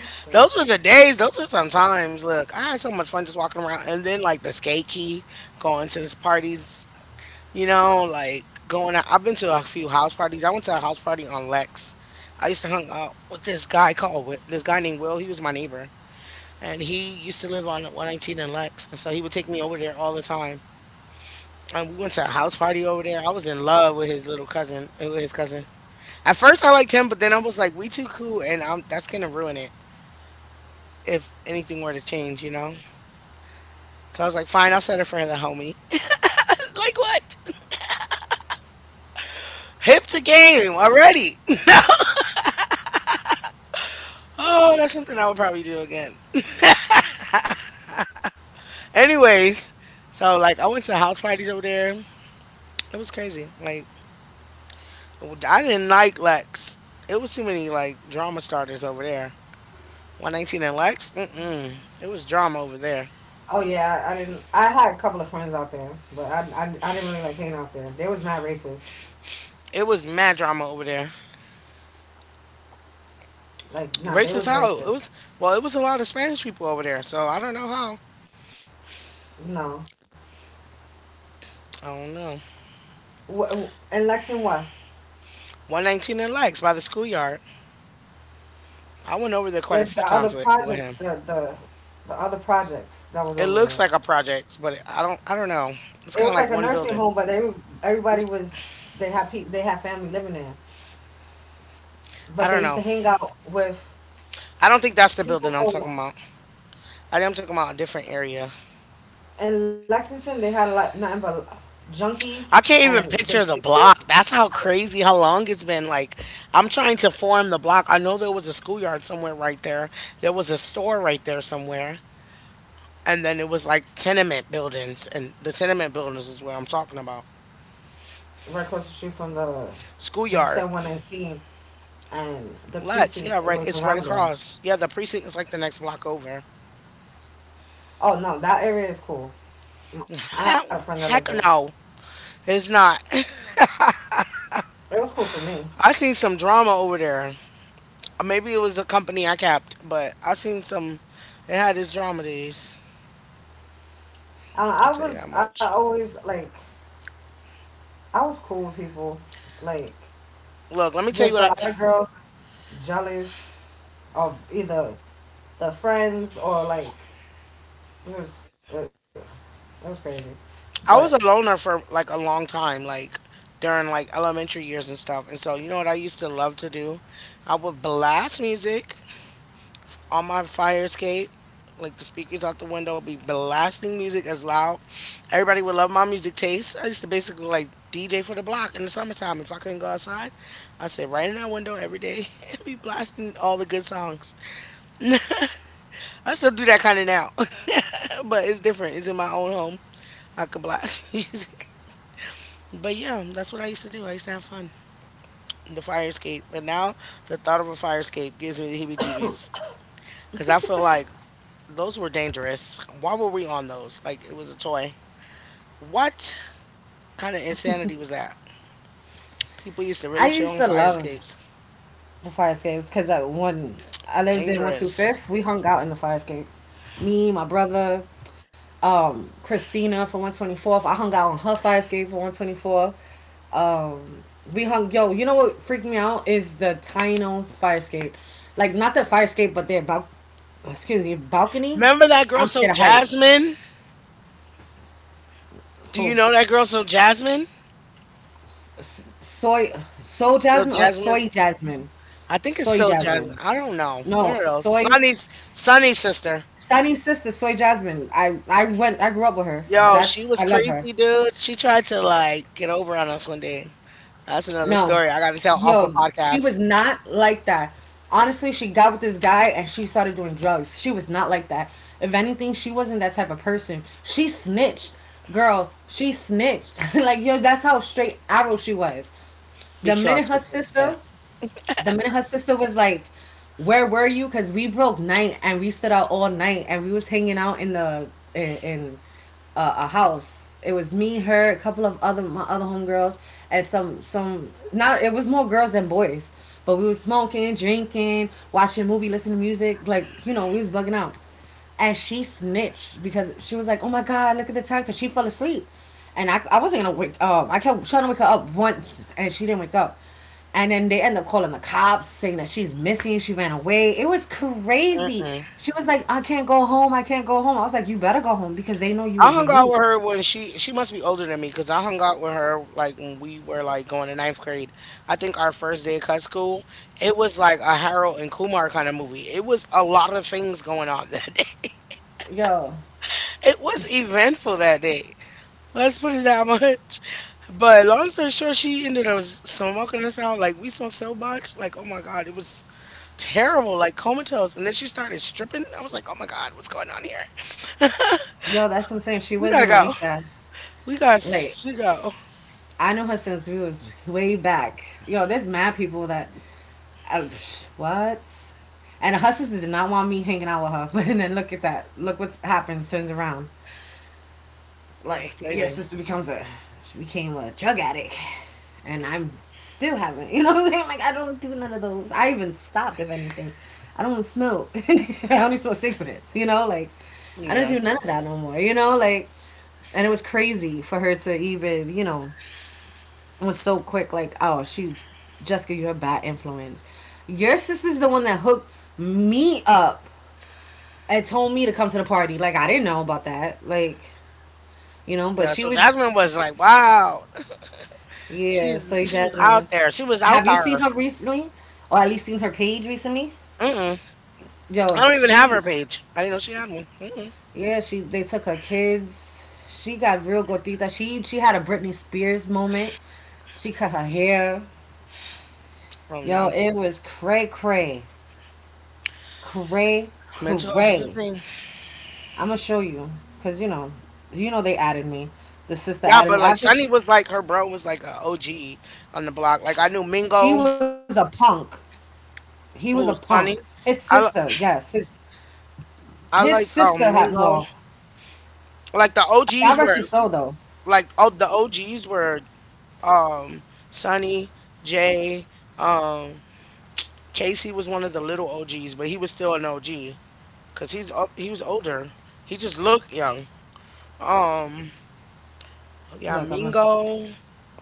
What the. Those were the days. Those were some times. Look, I had so much fun just walking around, and then like the skate key, going to these parties. You know, like going out. I've been to a few house parties. I went to a house party on Lex. I used to hang out with this guy called this guy named Will. He was my neighbor, and he used to live on 119 in Lex, and so he would take me over there all the time. And we went to a house party over there. I was in love with his cousin. At first, I liked him, but then I was like, "We too cool," and I that's gonna ruin it if anything were to change, you know. So I was like, "Fine, I'll settle for the homie." Like what? Hip to game already. Oh, that's something I would probably do again. Anyways, so like I went to house parties over there. It was crazy. Like I didn't like Lex. It was too many like drama starters over there. 119 and Lex. Mm-mm. It was drama over there. Oh yeah, I didn't. I had a couple of friends out there, but I didn't really like hanging out there. They was mad racist. It was mad drama over there. Like, nah, Racist they was how it was. racist. Well, it was a lot of Spanish people over there. So I don't know how. No, I don't know. In Lexington, what? 119 and Lex by the schoolyard. I went over there quite a There's few the other times with projects, him. The other projects that was It over looks there. like a project, but I don't. I don't know. It's It kind of was like like a one nursing building. home, but they, everybody was, they had they had family living there, I but don't they know. used to hang out with I don't think that's the building I'm people talking from about. I think I'm talking about a different area. in Lexington. They had a lot nothing but I junkies can't even and picture the the block. kids That's how with crazy how long it's been. Like I'm trying to form the block. I know there was a schoolyard somewhere right there. There was a store right there somewhere. And then it was like tenement buildings and the tenement buildings is where I'm talking about. right across the street from the, because you said Schoolyard. 118 and the precinct Yeah, it right, was it's right around there. across. Yeah, the precinct is like the next block over. Oh no, that area is cool. I had a friend that Heck lived there. Heck no. It's not. It was cool for me. I seen some drama over there. Maybe it was a company I capped, but I seen some. It had this drama days. I don't know, Let me tell I you that was I much. always like I was cool with people. Like Look, let me tell you just what a I. lot of girls was jealous of either the friends or like it was it, it was crazy. But I was a loner for like a long time, like during like elementary years and stuff. And so you know what I used to love to do? I would blast music on my fire escape, like the speakers out the window, be blasting music as loud. Everybody would love my music taste. I used to basically like DJ for the block in the summertime. If I couldn't go outside, I sit right in that window every day and be blasting all the good songs. I still do that kind of now, but it's different. It's in my own home. I could blast music. But yeah, that's what I used to do. I used to have fun. The fire escape. But now the thought of a fire escape gives me the heebie jeebies. Because I feel like those were dangerous. Why were we on those? Like it was a toy. What kind of insanity was that? People used to I really chill used on to fire love escapes. the fire escapes because I lived in one two Dangerous. fifth. We hung out in the fire escape. Me, my brother, Christina for 124th. I hung out on her fire escape for 124th. Um, we hung. Yo, you know what freaked me out is the Tino's fire escape. Like not the fire escape, but their excuse me, balcony. Remember that girl, I'm so scared of heights. Jasmine? Do you Oh, know that girl, so Jasmine? s- soy soy So jasmine or Jasmine? soy jasmine. I think it's Soy so Jasmine. jasmine. I don't know. One No, of those. soy. Sunny's sister. Sunny's sister, Soy Jasmine. I went. I grew up with her. Yo, she That's was I love her. creepy, dude. She tried to like get over on us one day. That's another No, story I got to tell off a yo, she podcast was not like that. Honestly, she got with this guy and she started doing drugs. She was not like that. If anything, she wasn't that type of person. She snitched, girl. She snitched. Like yo, that's how straight arrow she was. The because minute her that's what she said. sister The minute her sister was like, "Where were you?" Because we broke night and we stood out all night and we was hanging out in a house. It was me, her, a couple of other my other homegirls, and some not. It was more girls than boys, but we was smoking, drinking, watching movie, listening to music. Like we was bugging out, and she snitched because she was like, "Oh my god, look at the time," because she fell asleep, and I wasn't gonna wake up. I kept trying to wake her up once, and she didn't wake up. And then they end up calling the cops, saying that she's missing. She ran away. It was crazy. Mm-mm. She was like, "I can't go home. I can't go home." I was like, "You better go home because they know you I was hung with out me." with her when she must be older than me because I hung out with her like when we were like going to ninth grade. I think our first day of cut school, it was like a Harold and Kumar kind of movie. It was a lot of things going on that day. Yo, It was eventful that day. Let's put it that much. But long story short, she ended up smoking us out. Like we smoked so much, like oh my god, it was terrible, like comatose. And then she started stripping. I was like, oh my god, what's going on here? yo, that's what I'm saying. She We gotta wasn't go. like that. We got Like to go. I know her since we was way back. Yo, there's mad people that, I, what? And her sister did not want me hanging out with her. And then look at that. Look what's happened. Turns around. It's Like your crazy. sister she became a drug addict, and I'm still having. You know what I'm saying? Like I don't do none of those. I even stopped. If anything, I don't smoke. I only smoke cigarettes. Like I don't Yeah. do none of that no more. Like, and it was crazy for her to even, was so quick, like, oh, she's Jessica, you're a bad influence. Your sister's the one that hooked me up and told me to come to the party. Like, I didn't know about that. Like, but Yeah. she So was, Jasmine was like, wow. yeah, She's Soy she was Jessica. out there. She was out Have you seen there. her recently? Or at least seen her page recently? Mm-mm. I Yo, don't even have her she, page. I didn't know she had one. Mm-mm. yeah, she, they took her kids. She got real gordita. She had a Britney Spears moment. She cut her hair. Oh Yo, no. it was cray cray. Cray Mental health is a cray. thing. I'm gonna show you because you know they added me. The sister Yeah, added but me like after she, Sunny was like her bro was like a OG on the block. Like I knew he Mingo, was a punk. He was a who was punk. Sunny. His sister, I yes, his I his liked sister had Mingo. more. Like the God OGs rest were his soul though. like oh the OGs were um Sunny, Jay, um Casey was one of the little OGs, but he was still an OG. Cause he was older. He just looked young. Um, yeah, Look, I'm gonna Mingo.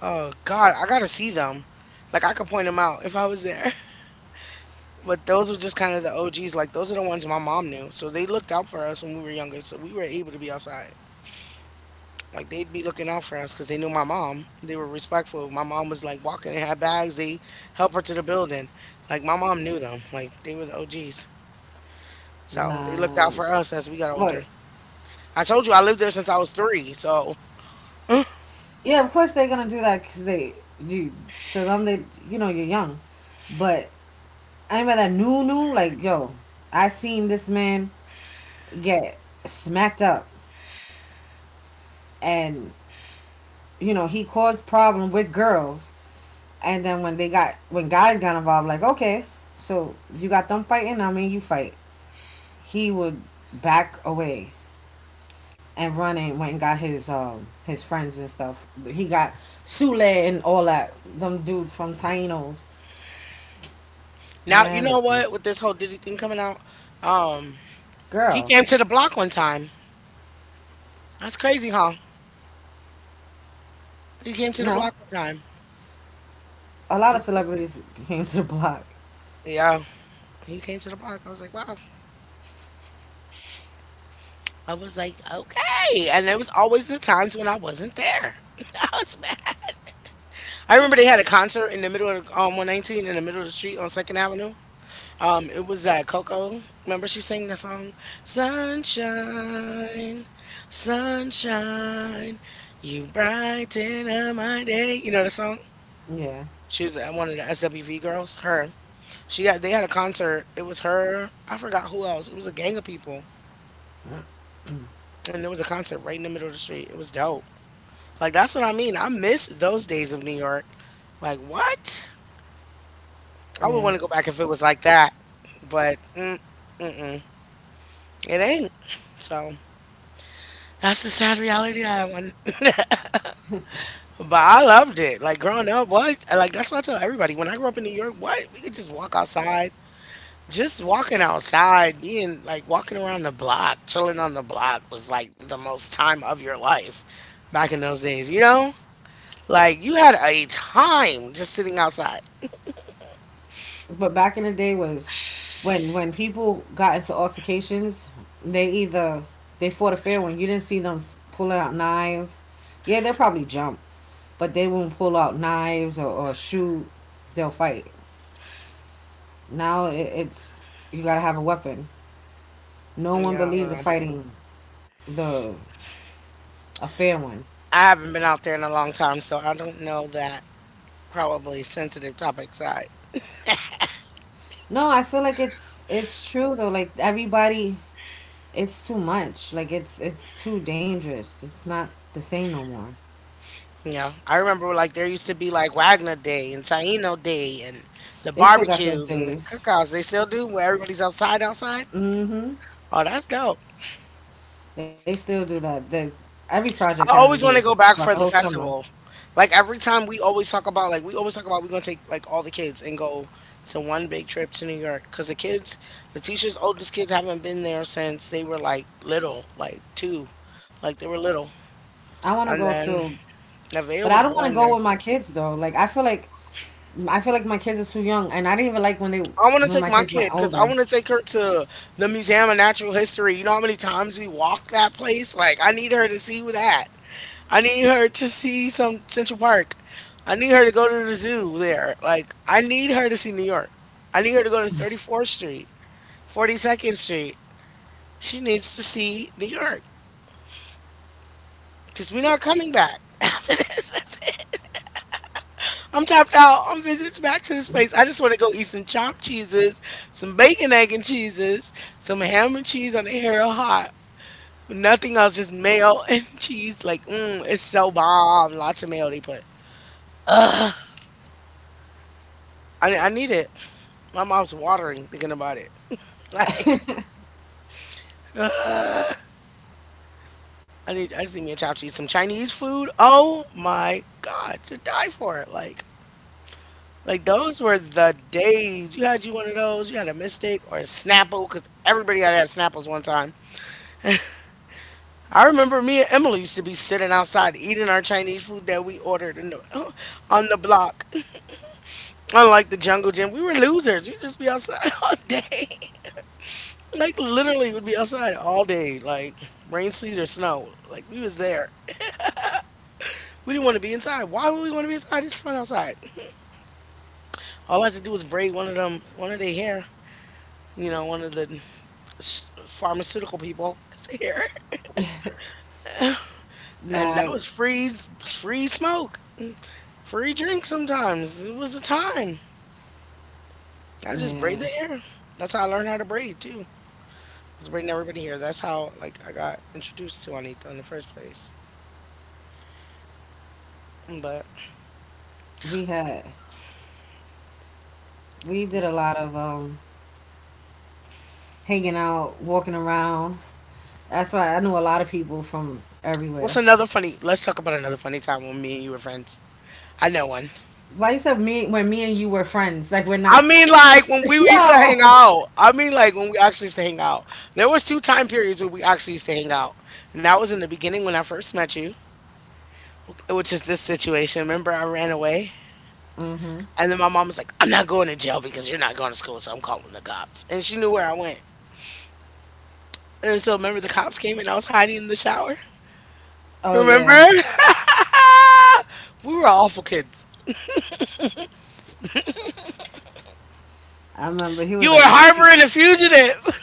Oh God, I gotta see them. Like I could point them out if I was there. But those were just kind of the OGs. Like those are the ones my mom knew. So they looked out for us when we were younger. So we were able to be outside. Like they'd be looking out for us because they knew my mom. They were respectful. My mom was like walking and had bags. They help her to the building. Like my mom knew them. Like they were the OGs. So they looked out nah. for us as we got older. Wait, I told you I lived there since I was three. So. yeah, of course they're gonna do that because they do. To them, they you're young, but anybody that knew knew like yo, I seen this man get smacked up, and you know he caused problem with girls. And then when guys got involved, like okay, so you got them fighting, I mean you fight. He would back away and run and went and got his friends and stuff. He got Sule and all that them dudes from Taino's. Now you Man, know listen, what with this whole Diddy thing coming out. Um, he girl, came to the block one time. That's crazy, huh? He came to the no, block one time. a lot of He, celebrities came to the block. yeah, he came to the block. I was like, wow. I was like, okay. And there was always the times when I wasn't there. I was mad. I remember they had a concert in the middle of 119 in the middle of the street on Second Avenue. It was that Coco. Remember she sang the song Sunshine, Sunshine, you brighten up my day. You know the song? Yeah, She was at one of the SWV girls. Her. She got they had a concert. It was her. I forgot who else. It was a gang of people. And there was a concert right in the middle of the street. It was dope. Like that's what I mean. I miss those days of New York. Like what? I would want to go yes, back if it was like that. But mm, it ain't. So that's the sad reality I want. But I loved it. Like growing up, what? Like that's what I tell everybody. When I grew up in New York, what? We could just walk outside. Just walking outside, being like walking around the block, chilling on the block was like the most time of your life back in those days, you know? Like you had a time just sitting outside. but back in the day was when people got into altercations, they either they fought a fair one. You didn't see them pulling out knives. Yeah, they'll probably jump, but they won't pull out knives or shoot. They'll fight. Now it's you gotta have a weapon. No one Yeah, I believes don't in know. fighting the a fair one. I haven't been out there in a long time, so I don't know that probably sensitive topic side. No, I feel like it's true though. Like everybody, it's too much. Like it's too dangerous. It's not the same no more. Yeah, I remember like there used to be like Wagner Day and Taino Day and the They still got those barbecues and the days. cookouts. They still do where everybody's outside outside. Hmm. Oh, that's dope. They still do that. There's, every project has I a always day want to go throughout back the for whole the summer. festival. Like every time we always talk about we're gonna take like all the kids and go to one big trip to New York because the kids, Letitia's oldest kids haven't been there since they were like little, like two, like they were little, I want to and go then to, Nevaeh but I was don't want to born there. go with my kids though. Like I feel like my kids are too young, and I didn't even like I want to when take my my kids kid went because I older. want to take her to the Museum of Natural History. You know how many times we walk that place? Like, I need her to see that. I need her to see some Central Park. I need her to go to the zoo there. Like, I need her to see New York. I need her to go to 34th Street, 42nd Street. She needs to see New York because we're not coming back after this. That's it. I'm tapped out. I'm visits back to the space. I just want to go eat some chopped cheeses, some bacon, egg, and cheeses, some ham and cheese on the hero hot. Nothing else, just mayo and cheese. Like, it's so bomb. Lots of mayo they put. I need it. My mouth's watering thinking about it. Like, I need. I just need me a chopped cheese, some Chinese food. Oh my God, to die for. It. Like those were the days. You had you one of those. You had a mistake or a Snapple, because everybody had Snapples one time. I remember me and Emily used to be sitting outside eating our Chinese food that we ordered in the, on the block. Unlike the jungle gym, we were losers. We'd just be outside all day. Like literally would be outside all day, like rain, sleet, or snow. Like we was there. We didn't want to be inside. Why would we want to be inside? It's fun outside. All I had to do was braid one of their hair. You know, one of the pharmaceutical people hair, and that Nah, was free, free smoke, free drink. Sometimes it was the time. I just yeah, braided hair. That's how I learned how to braid too. I was braiding everybody here. That's how like I got introduced to Juanita in the first place. But we had we did a lot of hanging out, walking around. That's why I knew a lot of people from what's everywhere. another funny? Let's talk about another funny time when me and you were friends. I know one. Why you said me when me and you were friends? Like we're I not. mean, like when we used to hang Yo. out. I mean, like when we actually used to hang out. There was two time periods where we actually used to hang out, and that was in the beginning when I first met you, which is this situation. Remember, I ran away, Hmm. and then my mom was like, "I'm not going to jail because you're not going to school, so I'm calling the cops," and she knew where I went. And so remember the cops came and I was hiding in the shower? Oh yeah, Remember? We were awful kids. I remember. He was You were like, "Yeah, she" harboring a fugitive.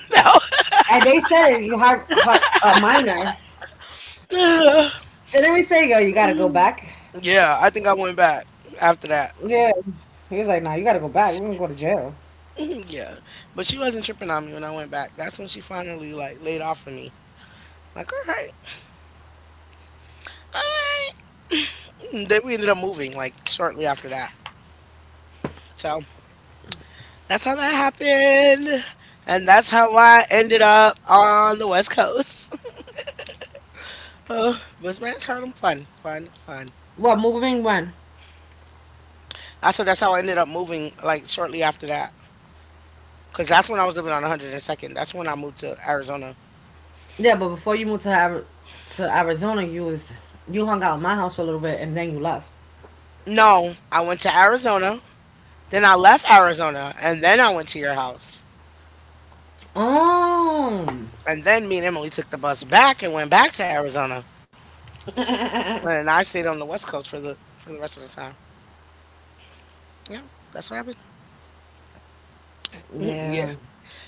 and they said it. You have a minor. No. Didn't we say, yo, you gotta go back? Yeah, I think I went back after that. Yeah. He was like, nah, you gotta go back. We're gonna go to jail. Yeah. But she wasn't tripping on me when I went back. That's when she finally like laid off of me. Like, all right. All right. And then we ended up moving like shortly after that. So that's how that happened. And that's how I ended up on the West Coast. But it's been Charlem fun, fun, fun. What moving when? I said that's how I ended up moving like shortly after that. Cause that's when I was living on 102nd. That's when I moved to Arizona. Yeah, but before you moved to Arizona, you hung out at my house for a little bit and then you left. No, I went to Arizona. Then I left Arizona and then I went to your house. Oh. And then me and Emily took the bus back and went back to Arizona. And I stayed on the West Coast for the rest of the time. Yeah, that's what happened. Yeah. Yeah.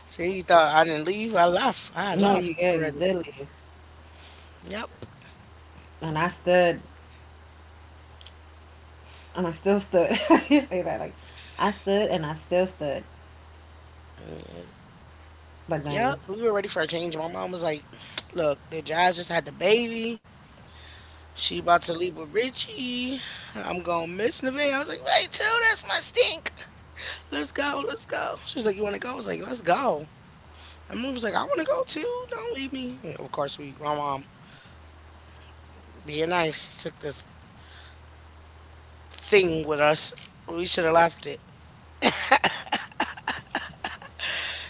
See, you thought I didn't leave. I left. I had No, left you, yeah, you already. did leave, Yep. and I stood and I still stood. You say that like, I stood and I still stood. Uh, But Yep. then, We were ready for a change. My mom was like, "Look, the Jazz just had the baby. She about to leave with Richie. I'm gonna miss Naveen." I was like, wait till that's my stink. Let's go, let's go. She was like, "You wanna go?" I was like, "Let's go." And Moon was like, "I wanna go too. Don't leave me." And of course, we, my mom, being nice, took this thing with us. We should have left it.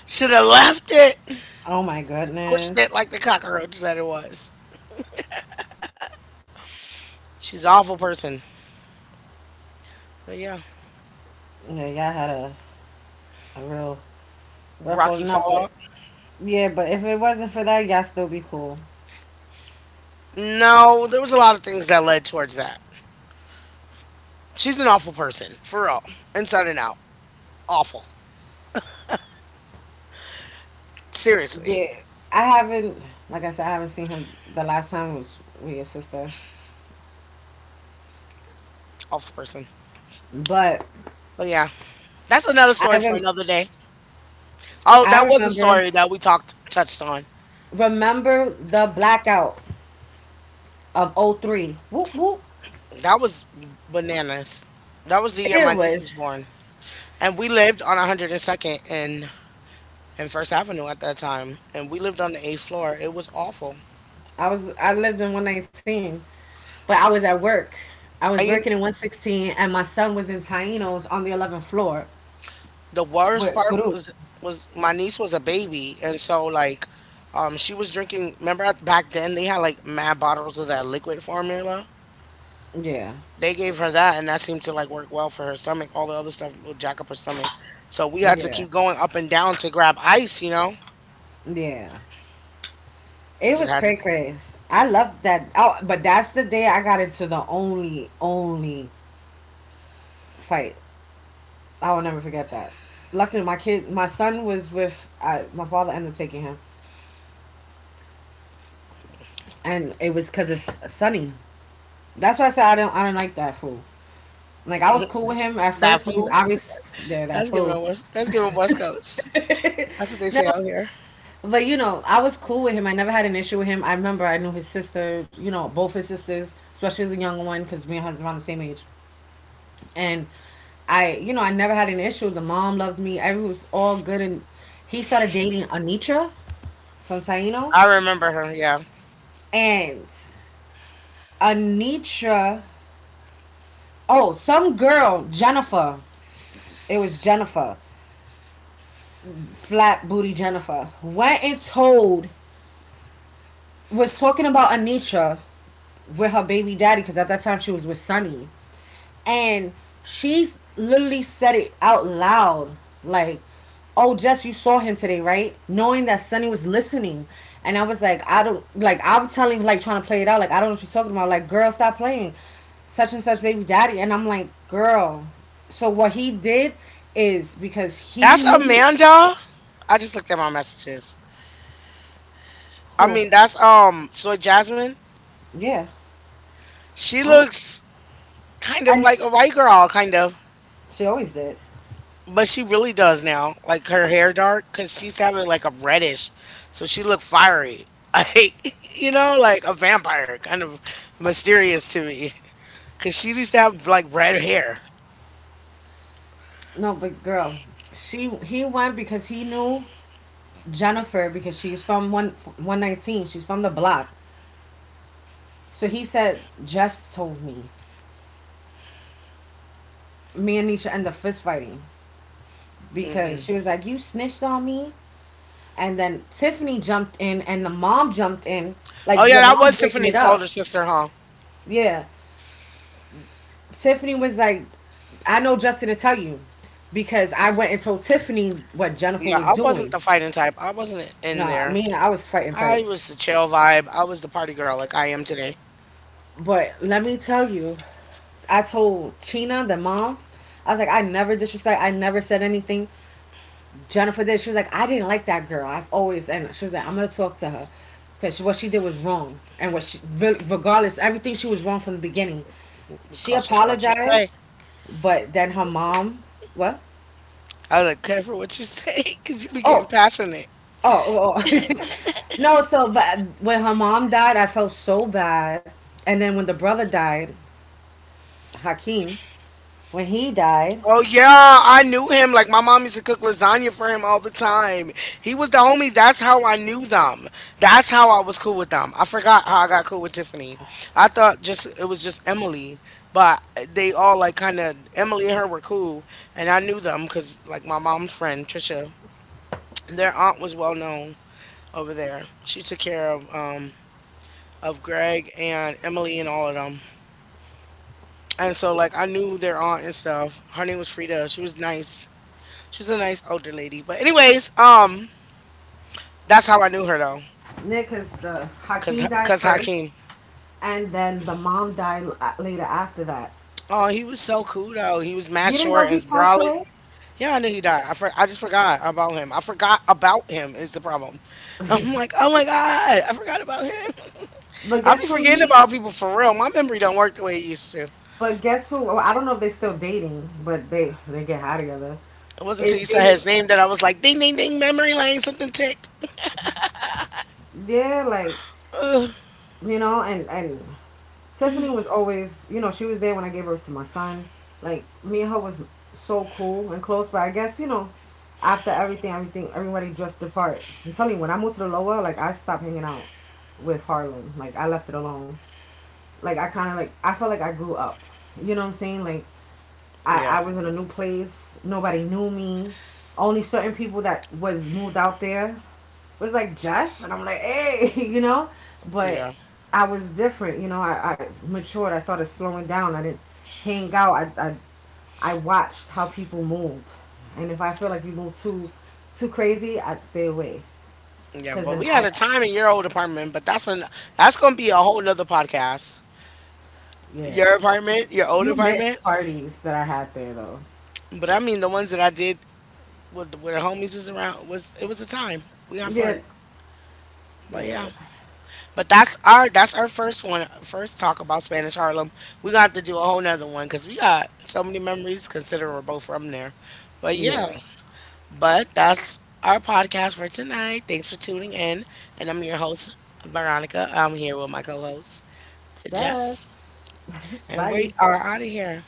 Should have left it. oh my Squished it goodness, like the cockroach that it was. She's an awful person. But yeah, yeah, y'all had a real rough Rocky holding up. But Fallout. yeah, but if it wasn't for that, y'all still be cool. No, there was a lot of things that led towards that. She's an awful person, for real, inside and out. Awful. Seriously, Yeah, I haven't, like I said, I haven't seen her. The last time was with your sister, awful person. but But yeah, that's another I story for rem- another day. Oh, I that was a remember story that we talked touched on. remember the blackout of '03. Whoop whoop. That was bananas. That was the year It my niece was was. born, and we lived on 102nd and First Avenue at that time, and we lived on the eighth floor. It was awful. I lived in 119, but I was at work. I was I working mean, in 116, and my son was in Taino's on the 11th floor the worst with part Guru. Was my niece was a baby, and so like, she was drinking. Remember back then they had like mad bottles of that liquid formula Yeah, they gave her that, and that seemed to like work well for her stomach. All the other stuff would jack up her stomach. So we had to yeah, keep going up and down to grab ice. You know, yeah. we It just was had cray craze. I loved that. Oh, but that's the day I got into the only fight. I will never forget that. Luckily, my kid, my son was with my father. Ended up taking him, and it was because it's sunny. That's why I said I don't. I don't like that fool. Like I to was cool with him at that first because food. obviously there that That's fool. giving West. That's giving West Coast. That's what they No, say out here. but you know I was cool with him. I never had an issue with him. I remember I knew his sister. You know both his sisters, especially the younger one, because me and her is around the same age. And I never had an issue. The mom loved me. Everything was all good. And he started dating Anitra from I Taínos. remember her. Yeah, And Anitra, oh, some girl, Jennifer, it was Jennifer, flat booty Jennifer, went and told, was talking about Anitra with her baby daddy because at that time she was with Sonny. And she's literally said it out loud. Like, oh, Jess, you saw him today, right? Knowing that Sunny was listening. And I was like, I don't, like, I'm telling, like, trying to play it out. Like, I don't know what you're talking about. Like, girl, stop playing. Such and such baby daddy. And I'm like, girl. So what he did is because he that's knew Amanda. I just looked at my messages. I who. mean, that's Soy Jasmine. Yeah. She looks kind of And like a white girl, kind of. she always did. But she really does now, like her hair dark, because she's having like a reddish, so she look fiery, like you know, like a vampire, kind of mysterious to me, because she used to have like red hair. No, but girl, she he went because he knew Jennifer because she's from one one nineteen. She's from the block. So he said, Jess told me. Me and Nisha end up fist fighting because Mm-mm. she was like, You snitched on me. And then Tiffany jumped in and the mom jumped in. Oh Like yeah, the that mom's was breaking it Tiffany's older up. sister, huh? Yeah. Tiffany was like, I know Justin to tell you because I went and told Tiffany what Jennifer Yeah, was I wasn't doing. the fighting type. I wasn't No, in I there. mean, I was fighting I type. was the chill vibe. I was the party girl, like I am today. But let me tell you, I told Chyna, the moms, I was like, I never disrespect, I never said anything. Jennifer did. She was like, I didn't like that girl. I've always and she was like, I'm gonna talk to her because what she did was wrong and what she regardless everything she was wrong from the beginning. Be She cautious what you say. apologized, but then her mom what? I was like, careful what you say, because you be getting Oh, passionate. oh, oh. Oh. No. So, but when her mom died, I felt so bad. And then when the brother died, Hakeem, when he died, Oh yeah, I knew him. Like my mom used to cook lasagna for him all the time. He was the homie. That's how I knew them. That's how I was cool with them. I forgot how I got cool with Tiffany. I thought just it was just Emily, but they all like kind of Emily and her were cool, and I knew them because like my mom's friend Trisha, their aunt was well known over there. She took care of Greg and Emily and all of them, and so like I knew their aunt and stuff. Her name was Frida. She was nice. She's a nice older lady. But anyways, that's how I knew her though, Nick is the cause Hakeem died cause first, Hakeem. and then the mom died later after that. Oh, he was so cool though. He was mad You didn't short know and he passed brolic. away? Yeah, I knew he died. I just forgot about him. I forgot about him is the problem. I'm like, oh my god, I forgot about him. But I'll be guess who he? forgetting about people for real. My memory don't work the way it used to. It But guess who? Oh, I don't know if they're still dating, but they get high together. wasn't Is until you said dating? his name that I was like, ding ding ding, memory lane, something ticked. Yeah, like Ugh. And Tiffany was always you know she was there when I gave birth to my son. Like me and her was so cool and close, but I guess after everything, everybody drifted apart. I'm telling you, when I moved to the lower, like I stopped hanging out with Harlem. Like I left it alone. Like I kind of like I felt like I grew up. You know what I'm saying? Like Yeah, I was in a new place. Nobody knew me. Only certain people that was moved out there was like Jess, and I'm like, hey, you know. But yeah, I was different. I matured. I started slowing down. I didn't hang out. I watched how people moved, and if I feel like you move too crazy, I stay away. yeah. Cause But then we had a I time in your old apartment, but that's an that's gonna be a whole nother podcast. yeah. Your apartment, your old You missed apartment. parties that I had there though. But I mean the ones that I did with where the homies was around was it was a time. We had Yeah, fun. But yeah. yeah, But that's our first one first talk about Spanish Harlem. We got to do a whole nother one because we got so many memories considering we're both from there. But yeah. yeah. But that's our podcast for tonight. Thanks for tuning in. And I'm your host, Veronica. I'm here with my co host, Jess. Jess, And bye. we are out of here.